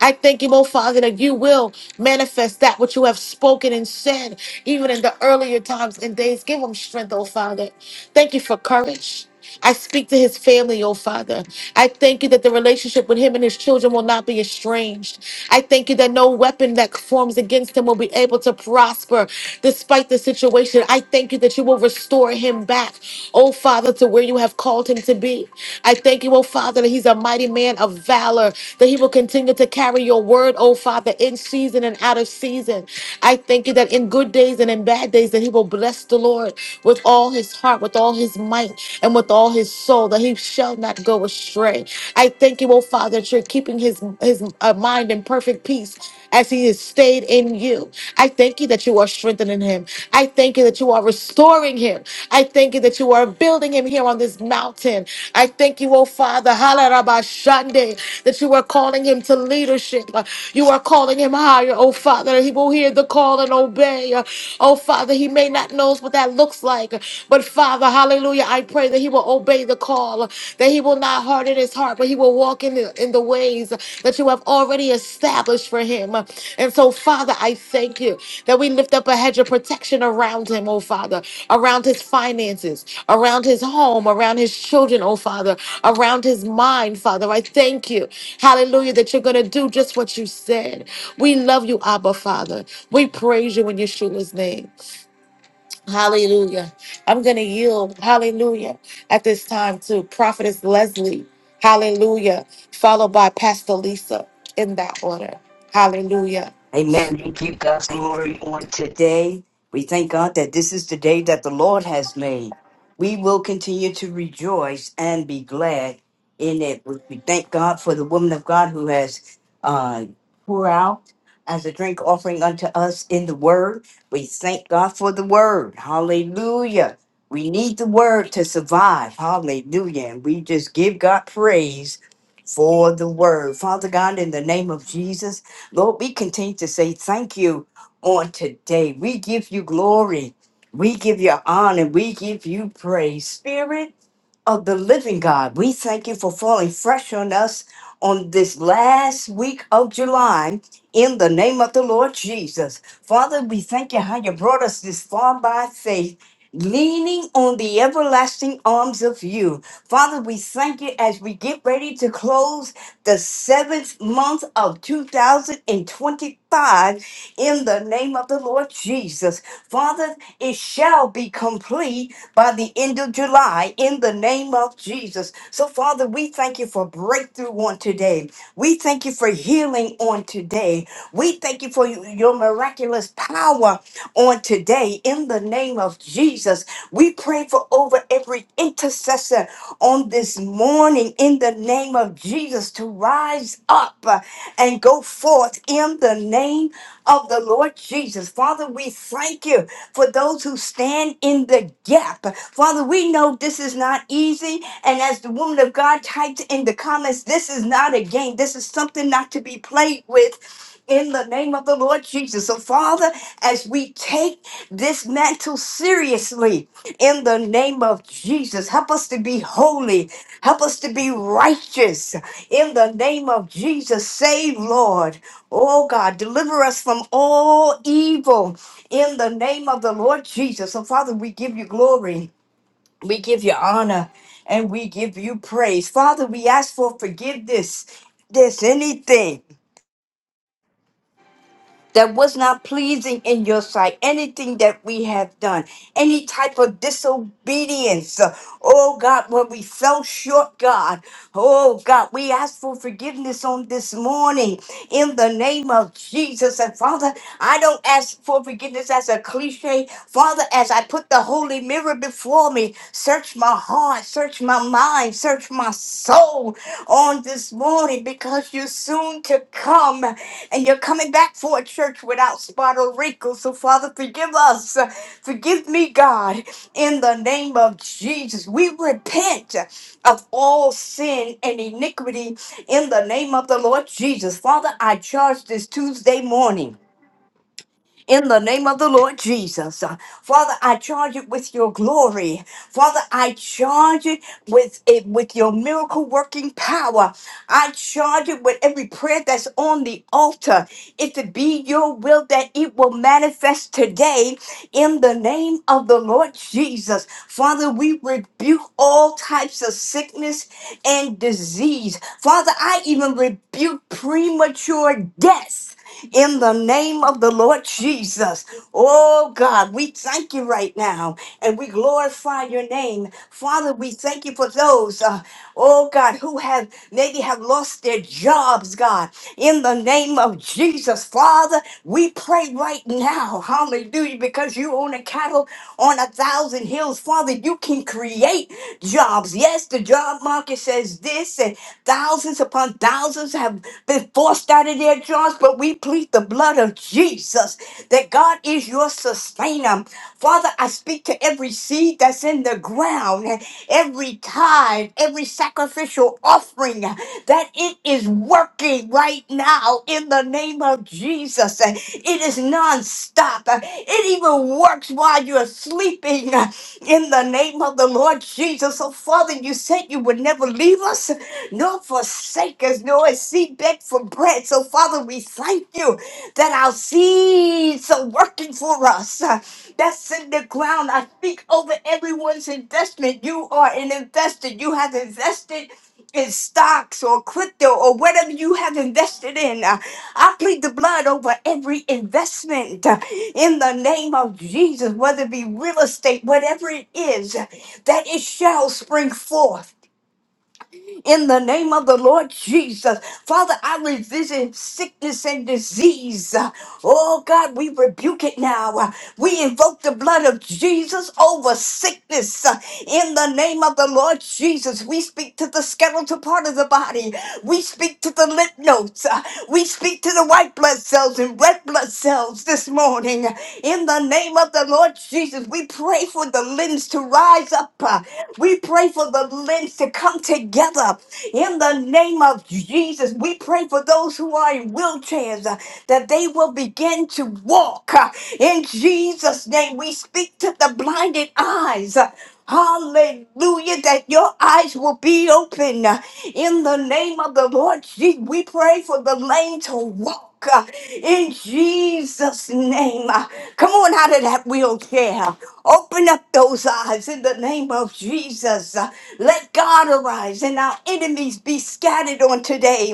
A: I thank you, oh Father, that you will manifest that which you have spoken and said, even in the earlier times and days. Give him strength, oh Father. Thank you for courage. I speak to his family, oh Father. I thank you that the relationship with him and his children will not be estranged. I thank you that no weapon that forms against him will be able to prosper despite the situation. I thank you that you will restore restore him back, oh Father, to where you have called him to be. I thank you, oh Father, that he's a mighty man of valor, that he will continue to carry your word, oh Father, in season and out of season. I thank you that in good days and in bad days, that he will bless the Lord with all his heart, with all his might, and with all his soul, that he shall not go astray. I thank you, oh Father, that you're keeping his, his uh, mind in perfect peace as he is stayed in you. I thank you that you are strengthening him. I thank you that you are restoring him. I thank you that you are building him here on this mountain. I thank you, oh Father, Hala Rabba Shande, that you are calling him to leadership. You are calling him higher, oh Father. He will hear the call and obey. Oh Father, he may not know what that looks like, but Father, hallelujah, I pray that he will obey the call, that he will not harden his heart, but he will walk in the, in the ways that you have already established for him. And so, Father, I thank you that we lift up a hedge of protection around him, oh Father, around his finances, around his home, around his children, oh Father, around his mind, Father. I thank you, hallelujah, that you're going to do just what you said. We love you, Abba, Father. We praise you in Yeshua's name. Hallelujah. I'm going to yield, hallelujah, at this time to Prophetess Leslie, hallelujah, followed by Pastor Lisa in that order. Hallelujah.
C: Amen. We give God's glory on today. We thank God that this is the day that the Lord has made. We will continue to rejoice and be glad in it. We thank God for the woman of God who has uh, poured out as a drink offering unto us in the word. We thank God for the word. Hallelujah. We need the word to survive. Hallelujah. And we just give God praise for the word. Father God, in the name of Jesus, Lord, we continue to say thank you on today. We give you glory. We give you honor. We give you praise. Spirit of the living God. We thank you for falling fresh on us on this last week of July in the name of the Lord Jesus. Father, we thank you how you brought us this far by faith. Leaning on the everlasting arms of you. Father, we thank you as we get ready to close the seventh month of 2025 in the name of the Lord Jesus. Father, it shall be complete by the end of July in the name of Jesus. So, Father, we thank you for breakthrough on today. We thank you for healing on today. We thank you for your miraculous power on today in the name of Jesus. We pray for over every intercessor on this morning in the name of Jesus to rise up and go forth in the name of the Lord Jesus. Father, we thank you for those who stand in the gap. Father, we know this is not easy. And as the woman of God typed in the comments, this is not a game, this is something not to be played with. In the name of the Lord Jesus. So, Father, as we take this mantle seriously, in the name of Jesus. Help us to be holy. Help us to be righteous in the name of Jesus. Save, Lord. Oh God, deliver us from all evil in the name of the Lord Jesus. So, Father, we give you glory, we give you honor, and we give you praise. Father, we ask for forgiveness. This anything that was not pleasing in your sight, anything that we have done, any type of disobedience. uh, Oh God, when we fell short, God, oh God, we ask for forgiveness on this morning in the name of Jesus. And Father, I don't ask for forgiveness as a cliche. Father, as I put the holy mirror before me, search my heart, search search my mind, search my soul on this morning because you're soon to come and you're coming back for a church without spot or wrinkle. So, Father, forgive us. Forgive me, God, in the name of Jesus. We repent of all sin and iniquity in the name of the Lord Jesus. Father, I charge this Tuesday morning in the name of the Lord Jesus. Uh, Father, I charge it with your glory. Father, I charge it with it with your miracle working power. I charge it with every prayer that's on the altar. If it be your will that it will manifest today in the name of the Lord Jesus. Father, we rebuke all types of sickness and disease. Father, I even rebuke premature death in the name of the Lord Jesus. Oh God, we thank you right now and we glorify your name. Father, we thank you for those, uh, oh God, who have maybe have lost their jobs, God, in the name of Jesus. Father, we pray right now, hallelujah, because you own a cattle on a thousand hills. Father, you can create jobs. Yes, the job market says this, and thousands upon thousands have been forced out of their jaws, but we plead the blood of Jesus that God is your sustainer. Father, I speak to every seed that's in the ground, every tithe, every sacrificial offering, that it is working right now in the name of Jesus. It is non-stop. It even works while you're sleeping in the name of the Lord Jesus. So, Father, you said you would never leave us, nor. Don't forsake us, nor is seed beg for bread. So, Father, we thank you that our seeds are working for us. Uh, That's in the ground. I speak over everyone's investment. You are an investor. You have invested in stocks or crypto or whatever you have invested in. Uh, I plead the blood over every investment uh, in the name of Jesus, whether it be real estate, whatever it is, uh, that it shall spring forth in the name of the Lord Jesus. Father, I resist sickness and disease. Oh God, we rebuke it now. We invoke the blood of Jesus over sickness uh, in the name of the Lord Jesus. We speak to the skeletal part of the body. We speak to the lymph nodes. uh, We speak to the white blood cells and red blood cells this morning. In the name of the Lord Jesus, we pray for the limbs to rise up. uh, we pray for the limbs to come together in the name of Jesus. We pray for those who are in wheelchairs uh, that they will begin to walk uh, in Jesus' name. We speak to the blinded eyes. uh, Hallelujah, that your eyes will be open uh, in the name of the Lord Jesus. We pray for the lame to walk uh, in Jesus' name. Uh, Come on out of that wheelchair. Open up those eyes in the name of Jesus. Uh, Let God arise and our enemies be scattered on today.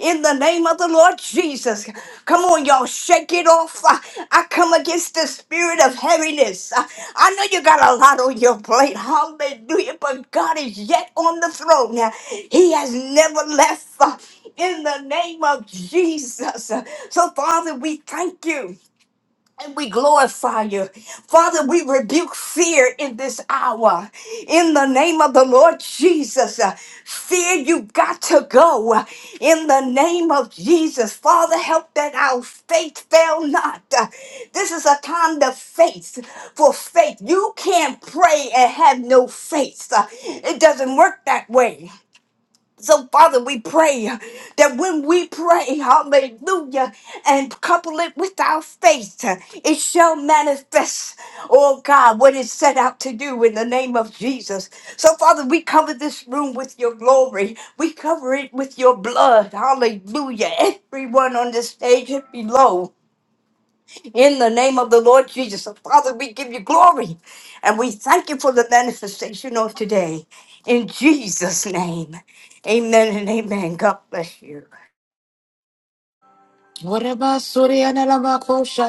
C: In the name of the Lord Jesus. Come on, y'all, shake it off. Uh, I come against the spirit of heaviness. Uh, I know you got a lot on your plate. Hallelujah. But God is yet on the throne. Uh, He has never left. uh, in the name of Jesus. So, Father, we thank you. And we glorify you. Father, we rebuke fear in this hour. In the name of the Lord Jesus. Uh, Fear, you got to go. Uh, In the name of Jesus. Father, help that our faith fail not. Uh, This is a time to faith for faith. You can't pray and have no faith. Uh, It doesn't work that way. So, Father, we pray that when we pray, hallelujah, and couple it with our faith, it shall manifest, oh God, what it set out to do in the name of Jesus. So, Father, we cover this room with your glory. We cover it with your blood. Hallelujah. Everyone on the stage and below. In the name of the Lord Jesus, So, Father, we give you glory and we thank you for the manifestation of today. In Jesus' name, amen and amen. God bless you.
A: Whatever, sorry, and I'm a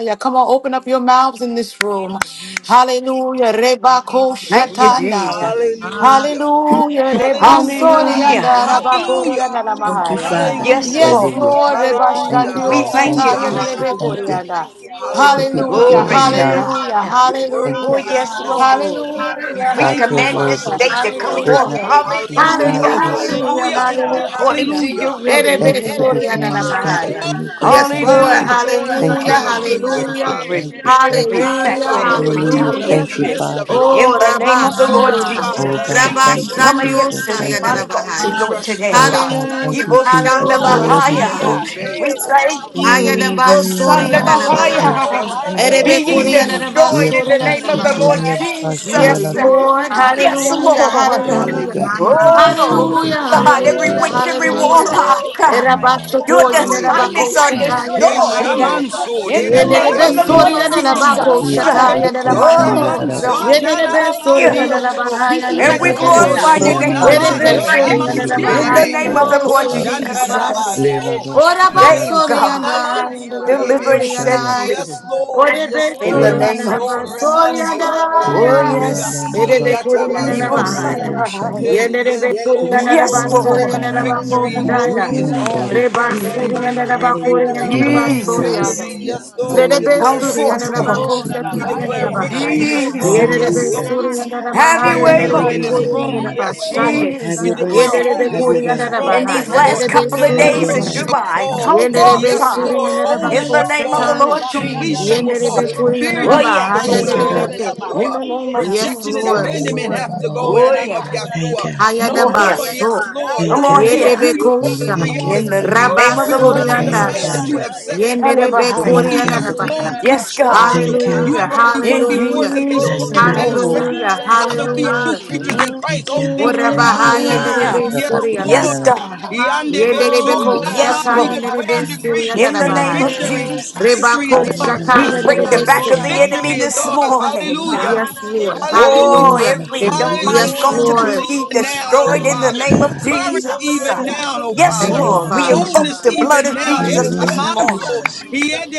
A: Yeah, Come on, open up your mouths in this room. Hallelujah. Reba kosher
C: Thank you,
D: Hallelujah.
A: tandaya.
C: Jesus.
E: Hallelujah.
D: Hallelujah.
A: Hallelujah. Reba
F: Eyabaso,
E: Hallelujah.
A: sorry, and
C: Hallelujah.
D: Hallelujah.
A: araba
F: Hallelujah.
A: kori,
E: Hallelujah.
A: and
G: Thank you,
A: alamahaya.
G: Father.
C: Yes,
E: Hallelujah.
F: Oraramandre
A: Yes,
F: de
D: Hallelujah.
F: Yes, Lord,
C: Lord.
G: Hallelujah.
A: Lord. Reba
F: Sharabaya.
G: Thank
E: Hallelujah.
G: you,
A: shandio
C: We
G: God.
C: thank
G: Thank
F: Father,
C: you,
E: Hallelujah.
G: you,
A: sataya
G: thank
C: Jesus.
G: you,
A: nerebe
G: thank
F: Hallelujah.
E: Hallelujah.
D: Hallelujah.
G: you.
F: we
A: korianda.
F: thank you,
G: We
F: Lord. Sioro
G: give you
E: Hallelujah.
A: Hallelujah,
F: Rabaya
C: Glory
G: glory
E: Yes,
G: and
C: to
F: de
E: Lord.
F: Hallelujah,
G: honor.
C: God.
A: hallelujah,
E: You're
F: hallelujah,
G: Thank you,
C: Oh,
D: Hallelujah.
A: hallelujah.
E: worthy.
F: Sharabaya.
C: yes,
E: Yes,
F: Oh,
D: Hallelujah.
C: Lord.
E: Lord. We
A: Hallelujah,
C: We
G: God.
E: thank you,
G: You're
C: command this
E: Father.
G: worthy.
A: hallelujah,
C: day to
E: Yes,
C: come
E: Lord.
G: There's
C: forth.
G: none
A: hallelujah.
G: like
D: Hallelujah.
G: you. God,
E: Hallelujah.
C: Hallelujah.
G: thank you.
A: Hallelujah,
E: Hallelujah.
C: According
A: hallelujah.
C: to
E: Hallelujah.
C: your will in the
G: Thank
A: Erebe
G: you
E: Hallelujah.
G: for
C: name of
A: sori
G: this
A: andara
G: morning.
C: Jesus.
G: Thank you
A: bahaya.
G: for new
E: Oh,
G: grace
A: Yes,
G: and
A: Lord,
E: Father,
F: Yes,
G: mercy.
C: Hallelujah.
E: thank you for
G: Thank you,
A: hallelujah,
E: being a good,
D: Hallelujah.
E: good
G: thank you,
C: We
A: hallelujah,
E: Father.
G: thank you,
C: rebuke
G: thank you.
C: every
E: Thank you,
D: Hallelujah.
A: hallelujah,
E: Father,
C: backlash and
E: for
G: Hallelujah.
E: keeping us
D: Hallelujah.
A: hallelujah.
E: in
G: Thank you,
E: the
C: retaliation
E: midst of it
G: Father.
E: all
A: Oh,
C: in the name
A: Rabba,
C: of
D: My,
C: the
D: my,
E: you,
C: Lord
A: sorry,
E: oh
F: Oraya, Hallelujah.
G: Oh,
E: Father.
F: Ekian
C: Jesus.
G: God,
E: Thank
A: Rabba,
E: you.
G: thank
D: hallelujah.
G: you,
C: Come against
G: Jesus.
C: the
A: Sandiosa,
G: Thank you.
A: Yadara
C: demonic
D: My,
E: We
C: altars,
A: Bahaya.
C: Lord,
E: trust you,
C: today.
G: Oh,
F: Hallelujah. Doraya Diosaya
G: God,
F: Rabahaya,
E: Father.
G: thank
A: Hallelujah,
G: you,
C: Ibo
F: Basiko
E: We
G: Jesus.
C: Shanda
A: hallelujah.
E: trust
G: Lord, we
E: and we
F: Ramaya,
C: Bahaya.
G: praise you.
E: obey,
C: We
E: oh
F: Esataya,
C: thank
E: Father.
C: you.
G: Ooh,
A: Hayadaba,
C: Ibo
G: la, la,
A: sorry,
C: Shanda
G: ma,
A: Yadara
F: Oh,
A: Bahaya.
E: We
G: shande.
E: trust
C: Bahaya.
E: and
F: Rarabaye,
E: we
C: Be ye
E: obey, oh
F: Seramanduru,
G: Yeah,
E: Father.
C: destroyed in the
G: Baba,
C: name
F: Kalare
C: of
G: see,
C: the
G: cool,
C: Lord
G: yeah,
F: Sharaba, Eresi,
G: Baba,
A: Yes,
C: Jesus.
F: O
E: Hallelujah.
A: Lord.
F: Namanare
C: Yes,
D: hallelujah.
A: Hallelujah.
F: Sharaba,
C: Lord.
G: Oh
A: Hallelujah.
D: Hallelujah. Mm, Yes. Hallelujah. My,
G: God,
E: Hallelujah.
G: thank
F: O
D: my,
G: you,
C: Oh,
G: Jesus.
A: Hallelujah.
D: hallelujah.
C: God,
G: Thank you,
C: every
A: Hallelujah.
F: Hanamandere
C: witch,
E: Hallelujah.
G: Jesus.
C: every
F: Sharaba,
D: Yes.
A: Hallelujah.
F: So
E: Hallelujah.
C: warlock.
F: Rarabaye,
G: Nah.
C: Your
F: Sandoro,
D: Where are you
C: assignments
E: Hallelujah.
C: are
D: going?
E: He
C: destroyed.
F: Yamandoro,
A: Erabasotoyanarabakoshatayanaramandaya.
F: Basio,
E: shamanso,
C: In
E: reda
C: the
G: Ena-
C: name
D: What's
C: of the
D: taking
E: bayanana
D: you
C: Lord
D: so
H: Hallelujah.
E: manso.
D: long?
I: Thank
C: Jesus.
G: Iki-
E: Hade
H: Hallelujah.
F: Raramandere
G: Darabo-
E: kure
F: Sharaba,
G: Shanda-
A: Yenerebesoriyanarabakoshatayanaramandaya.
C: Oh
E: manso,
G: Darabo-
F: Saya.
C: God, we
H: Hallelujah.
E: nanana
C: thank
G: Sanda-
C: you.
E: mandioso.
D: Bitch, you
E: He
C: And
D: got
E: Heshamanso,
C: we
D: your
E: redabayananamanso. Hadekuremanso, nananamandioso.
G: Baba-
D: own
F: Yes,
G: Ba-
A: Yenerebesoriyanarabahayanarabesoya.
C: glorify
D: stuff.
C: your
E: Hederebeso,
G: Shia-
C: name
G: Na-
C: for
G: Darabo-
E: namando,
C: today.
D: Yes,
G: Shande-
D: you
G: Di-
E: damanso,
G: Di-
C: In
D: do.
C: the
G: Dabo-
E: redebe.
C: name of
G: Ola-
C: the Lord
G: Sanda.
C: Jesus.
A: Yenerebesoriyanarabahayanarabesoriyanaramandaya.
G: Leba-
E: Hoshantarabaso.
G: Ba- Shanda-
C: Save
G: Darabo-
E: Yebeso,
C: God.
E: namanso,
C: Deliver
E: rebe.
C: and set
G: Shaya.
A: Orabasoriyanayandarabekuriyanayi.
C: free.
E: Yes, Lord.
A: Oye, ve,
E: Yes,
C: In
E: Lord.
C: the
A: sorry,
G: Ola-
A: and
C: name
A: the
G: Ba-
C: of
E: Ebaso,
A: bus, sorry, and the
C: Jesus.
E: remandio.
C: Oh
A: higher.
G: Ola- Ba-
C: yes.
A: It
G: Ba-
A: is
E: Rebasi,
G: Ba- Ba-
A: recording under
G: Sende-
A: the
G: Di-
C: Evil
E: yatabaso.
G: Di- Di-
C: son of
A: Bahia.
G: Dabo- Shande.
C: a-
A: Yet
E: Hey,
A: it is
E: yes,
A: recording under
E: Lord.
A: the
C: Yes,
A: bus,
G: Ola- Ba-
A: sorry, and
C: Lord.
A: the
G: Ba- Ba- No,
A: Baco
E: Victory and
G: not this
E: glory
A: Daya.
E: is
G: morning,
E: ours.
G: buddy.
A: Rebus,
E: Victory,
A: sorry,
C: Mm.
A: and
H: Hallelujah.
A: the
E: victory,
A: Bacoring and
H: Hallelujah.
E: victory,
A: the
G: Eba-
A: bus,
G: Ba-
A: sorry,
G: Siku-
H: Hallelujah.
A: other.
E: victory.
C: Jesus.
G: Ba-
E: Yes,
G: Shanda.
E: Lord,
F: Lord.
A: Let
E: we
A: it be
C: Come
E: declare
H: Hallelujah.
A: sorry, and the
C: forth,
G: Eba-
E: victory.
G: Ba-
C: Lord.
A: Baco
F: Oh, the
G: Shiki-
F: da
E: We
G: Di-
A: Shatari
F: the
G: Di-
A: and
E: declare
A: the
F: ye
G: Dabo-
F: da
H: Shaligilamoshaya.
A: Bahia.
E: victory
F: ba so
G: Shia-
E: in this
F: lo ro
G: Ba-
E: room.
G: Ba-
A: Yet it
E: Yes,
C: Jesus.
G: Sanda.
F: na
A: is
F: na
E: Lord.
F: na
H: Hallelujah.
A: recording
F: ma
A: under
F: se
A: the
E: We
F: le
C: Have
F: ba
C: your
A: Bahia,
E: declare
A: and
F: si
C: way,
A: it
G: Thank
F: an
A: is
E: healing
F: da
C: Lord.
E: in
F: re de
E: this
A: recording
H: Hallelujah.
F: ki
A: under
E: room.
A: the
F: an da re de
A: bus
E: Yes,
F: Everywhere si. your
E: Lord.
A: Sunday.
H: Have
E: We
F: son
H: your
F: did,
H: way.
A: Yet
E: declare
F: Oh,
C: Jesus.
A: it
F: da
A: is
F: da da ba
H: Have
E: wholeness
H: your
F: even
E: in
A: recording
F: in the
A: under
E: this
F: se
H: way.
A: the
E: room.
C: In
F: city na
A: Bahia,
F: of
C: these
E: Yes,
F: man
A: and
F: da Abba,
E: Lord.
C: last
F: ra
A: it
F: that
A: is
C: couple
F: ka they
C: of
F: ya
H: Have
F: will ra be
H: your
C: days
F: ro
E: Deliverance
C: in
F: si
H: way.
A: sorry,
E: shall
F: blessed ya
C: July,
F: ba
E: fall.
C: come forth,
A: Yenderebe
E: Yes,
C: Father,
A: suri
E: Lord.
F: Oh,
A: yendereba
F: la
E: Wholeness
F: la
C: in the
E: shall
F: la,
C: name
F: si
C: of the
F: ara
E: fall.
H: Hayalamoshanda.
F: de
A: kushataya.
C: Lord
F: ba ki ya ra
E: Completion will
F: de
C: Jesus.
E: fall.
A: Yenderebe
F: she.
A: kuri
E: Fear
C: Oh,
F: Na
H: Yalamoshaya.
E: you
A: yendereba
F: na na
E: have to go in
H: Thank
C: yes.
F: mando
E: the
H: you,
E: name
A: hayenderebe
E: of
F: ra
H: God.
F: da
A: ke.
F: ba
C: In
E: Yeshua.
C: the
F: si ya
C: name of
F: ra ba
A: Yes,
E: Rejection
F: so.
E: and
F: Yes,
A: Lord.
C: Jesus.
E: abandonment
F: Lord.
E: have to
F: Oh,
E: go in
F: la
E: the
C: Oh,
F: la
E: name
F: ba
C: yeah.
E: of
F: ki ya ra
H: Thank
E: Yeshua.
F: de
H: you.
F: she.
C: Come
E: No
C: on
F: Ah,
A: Hayadaba
E: more,
C: here.
F: yes.
A: so.
E: yes,
F: Ah,
E: Lord.
F: ya
C: Come
H: Thank
F: ya
H: you.
C: on
E: We
F: ya,
C: here.
E: are
A: Yenderebe
E: who
F: se
E: you
F: ra
E: called
F: ba
A: kusha.
E: and created
H: Thank you.
C: In
E: us
C: the
F: ya.
E: to be.
A: Rabba
C: name of
F: Oh,
E: We
C: the
E: will
A: suri
C: Lord
E: walk the
F: mama
H: Thank
E: path
A: yandaya.
H: you.
E: that
F: ya
C: Jesus.
E: you
F: ya,
E: have set
F: yes,
E: before
F: ro
C: Shanda
E: us.
A: Yenderebe
F: she
E: Oh,
F: ra
A: kuri
F: ra
H: Thank
F: ra
H: you.
E: yes,
A: yendereba.
F: ye ra
E: Lord,
F: ra
E: we
F: ba
C: Yes, God.
F: so
E: trust
F: ye
E: you.
H: Thank
F: ra
D: Hallelujah.
H: you.
E: You
F: ba
A: Hallelujah,
E: have
F: ya.
E: already went
C: In
E: before us
A: hallelujah,
E: and
D: Hallelujah.
E: made the
F: Oh,
C: Jesus'
H: Thank
F: la
E: crooked
C: name.
H: you.
F: la
E: path
F: ba
E: straight.
F: si
A: hallelujah,
F: ya ra
D: Yes.
E: Father,
F: de
E: we are
F: ba.
E: new
A: hallelujah.
E: creatures
D: Hallelujah.
E: in Christ.
H: Thank you.
E: Old
F: Mm,
E: things
F: ye
E: have
F: ra
A: Oraba
F: ma
E: passed
D: My
G: you,
F: na
E: away.
F: ra
D: mind.
F: de
C: Mm.
F: ba
A: hayenderebe
E: Yes,
F: so.
A: suri
E: Lord.
C: Yes,
A: yandaraba.
G: Jesus.
C: God.
E: Yande beso
A: Yenderebeko
F: Oh,
D: Hallelujah.
F: ra ra
C: Yes,
E: nanaman.
F: ra
E: We
F: ra
D: Hallelujah.
A: Shataya
C: Lord.
F: ba
E: declare and
F: si
A: Nerebesu
F: di
E: decree
F: di
H: Hayalamoshika,
C: In the
F: si re si
E: that
F: o
C: name
A: Yandarabahaya.
C: of
E: victory,
H: Hayalamoshaya.
D: Yes.
C: Jesus,
E: victory
A: Rebako
E: is
F: re
H: In the
F: ba
H: name
E: ours.
F: so.
C: we
A: Shataya
E: Yes,
H: of
D: Hallelujah.
C: break the
E: Lord.
F: So
C: back
H: Jesus,
A: Nerebesu.
C: of
F: ra
H: in the
C: the
F: ra
H: name
F: ba
C: enemy
E: Victory is
F: ya
C: this
E: ours.
F: ni
C: morning.
F: na
E: Hallelujah.
F: na
A: Yes,
F: na ne
D: Hallelujah.
A: Lord.
F: se re
E: Hallelujah.
F: re
C: Oh,
F: ba
A: Hallelujah.
H: of
F: so.
H: Jesus,
C: every
F: Oh,
E: Hallelujah.
C: demonic
A: Yes,
F: ro ro
C: altar
H: in
D: Ooh,
E: Strength
F: ro
C: be
A: Lord.
F: ro ro
C: ye
E: even
F: se
E: now,
F: ra ra
E: oh
F: ba
C: destroyed in the
F: so
D: Hallelujah.
E: Father.
C: name of
E: Courage
F: ma
C: Jesus.
E: even
F: ya.
E: now, oh
C: Yes,
H: the
A: Thank
E: Father
A: you,
F: Oh,
H: name
C: Lord,
F: ra
H: of
F: ra
C: we
F: ra
A: Father.
F: ba
C: invoke
E: boldness
H: Jesus,
C: the
F: si se
C: blood
E: even
C: of
F: re
E: now.
H: in
F: re
H: the name of Jesus, in the
F: re
C: Jesus
F: se
H: name
C: this
F: ra
H: of
D: Hallelujah.
F: ra ma
C: morning
E: Etamanso,
H: Jesus,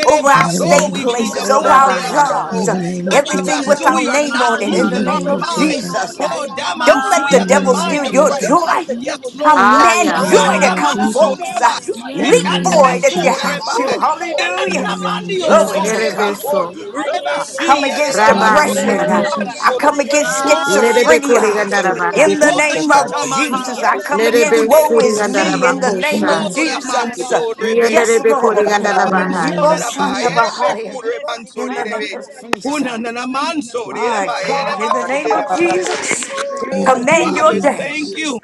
C: over our
H: in the
C: stay
H: name of
E: We plead the
C: places,
H: Jesus,
F: so
D: Oh,
C: over
E: blood.
F: ra
C: our
F: ra
D: yes.
F: ma
A: Orabahaya.
F: na na
H: in
E: yerabaso,
H: the
F: ne
C: jobs,
H: name of
F: si ya ra ya
C: everything
F: ra
C: with
H: Jesus,
E: yadebaso,
F: re
C: our
E: We are
D: My
F: se se
C: name
E: not
F: re
C: on it
F: re.
H: in
C: in the
D: mind.
H: the
E: losing our
C: name
H: name
C: of
H: of
F: E
E: minds.
F: ma
H: Jesus,
C: Jesus.
F: ya
E: Oh,
F: ya
C: Don't
E: damanso,
C: let
E: we
C: the
H: in the name of Jesus, in
E: have
H: the
E: the
C: devil
H: name of
C: steal
E: mind
F: ya ra
E: of
D: Hallelujah. Hallelujah.
C: your
F: re.
E: Christ.
H: Jesus,
C: joy.
E: Yes, Lord.
C: Command
D: My
E: who
A: Aya.
H: in the
C: joy
F: Oh,
D: mind.
C: to
F: ra
H: name of
F: ra
C: come
F: ra ma
E: Yatamanso,
H: Jesus,
F: na
C: forth.
F: ne
E: yeba,
F: ne
C: Leap
H: in the name
D: Yes.
C: for it
F: o
H: of
E: hukandebeso,
C: if
F: ra
C: you
F: ra ra ba
C: have
E: reba,
H: Jesus,
C: to.
F: si
D: Ooh,
F: se re re
C: Hallelujah.
F: re re se
E: yenanamandio,
F: ra ra
C: Glory
E: so,
C: to
F: ba.
C: God.
E: nebako,
A: Erebeso.
C: I
F: Aye, ye,
C: come
E: rebasi,
F: ra, ra,
C: against
F: ra, ra,
E: yaderebaso,
F: sero, Come
C: depression.
H: in
F: ra,
A: Rabasande.
D: Yes.
F: ra,
C: I
E: yamanso,
F: against ba,
C: come
F: ye,
C: against
F: depression.
E: oh,
F: sara, I
A: Nerebeko
D: Hallelujah.
F: mando. come
C: schizophrenia.
E: yedebaso.
F: against
C: In the
A: Rigandarabahaya.
E: Oh,
C: name
F: schizophrenia. Oh,
C: of
F: ra, ra,
C: Jesus,
F: In ba,
E: Shatamansai,
C: I
F: the si,
C: come
F: name of
C: against
F: ko,
D: Hallelujah.
E: Ukunde
F: Jesus,
C: woe
A: Nerebesu
C: is
F: ra, I ra, go
C: me
F: ba,
E: Basi,
C: in the
F: against ye,
C: name
F: woe
C: of
A: Rigandarabakosha.
E: Oh,
F: se, is ra, ra, me. ba,
D: Yes.
F: In
C: Jesus.
F: the name
E: Ramanso
F: so, of ra,
E: Rebe,
F: ra, ma,
C: Yes,
F: Jesus.
A: Yenderebeko
F: ra,
C: Lord.
F: ra, ra, ra, ba, Yes,
E: Unabanso
F: so,
A: Rigandarabahaya.
F: Lord.
C: Ibo
F: ra,
E: Reba,
C: son of a
F: ra, ra,
E: Erebe
F: ba, ye, ye,
C: higher.
E: Kure
F: se,
E: Banso
F: kanda,
C: In
F: ra,
C: the name
E: Rebe,
F: ra, sha, ra, ya.
C: of Jesus.
E: Unanamanso
F: Oh,
E: Reba,
C: My
F: ra, ra, mando, ra,
C: God, in
E: Ereba
C: the
F: ba, so, ra, ra, ba,
C: name
E: Kunde
C: of
E: Basi.
C: Jesus,
E: Oh,
H: the
F: ko,
C: command
H: name
C: your
E: Father,
H: of
C: day.
H: Jesus.
E: thank you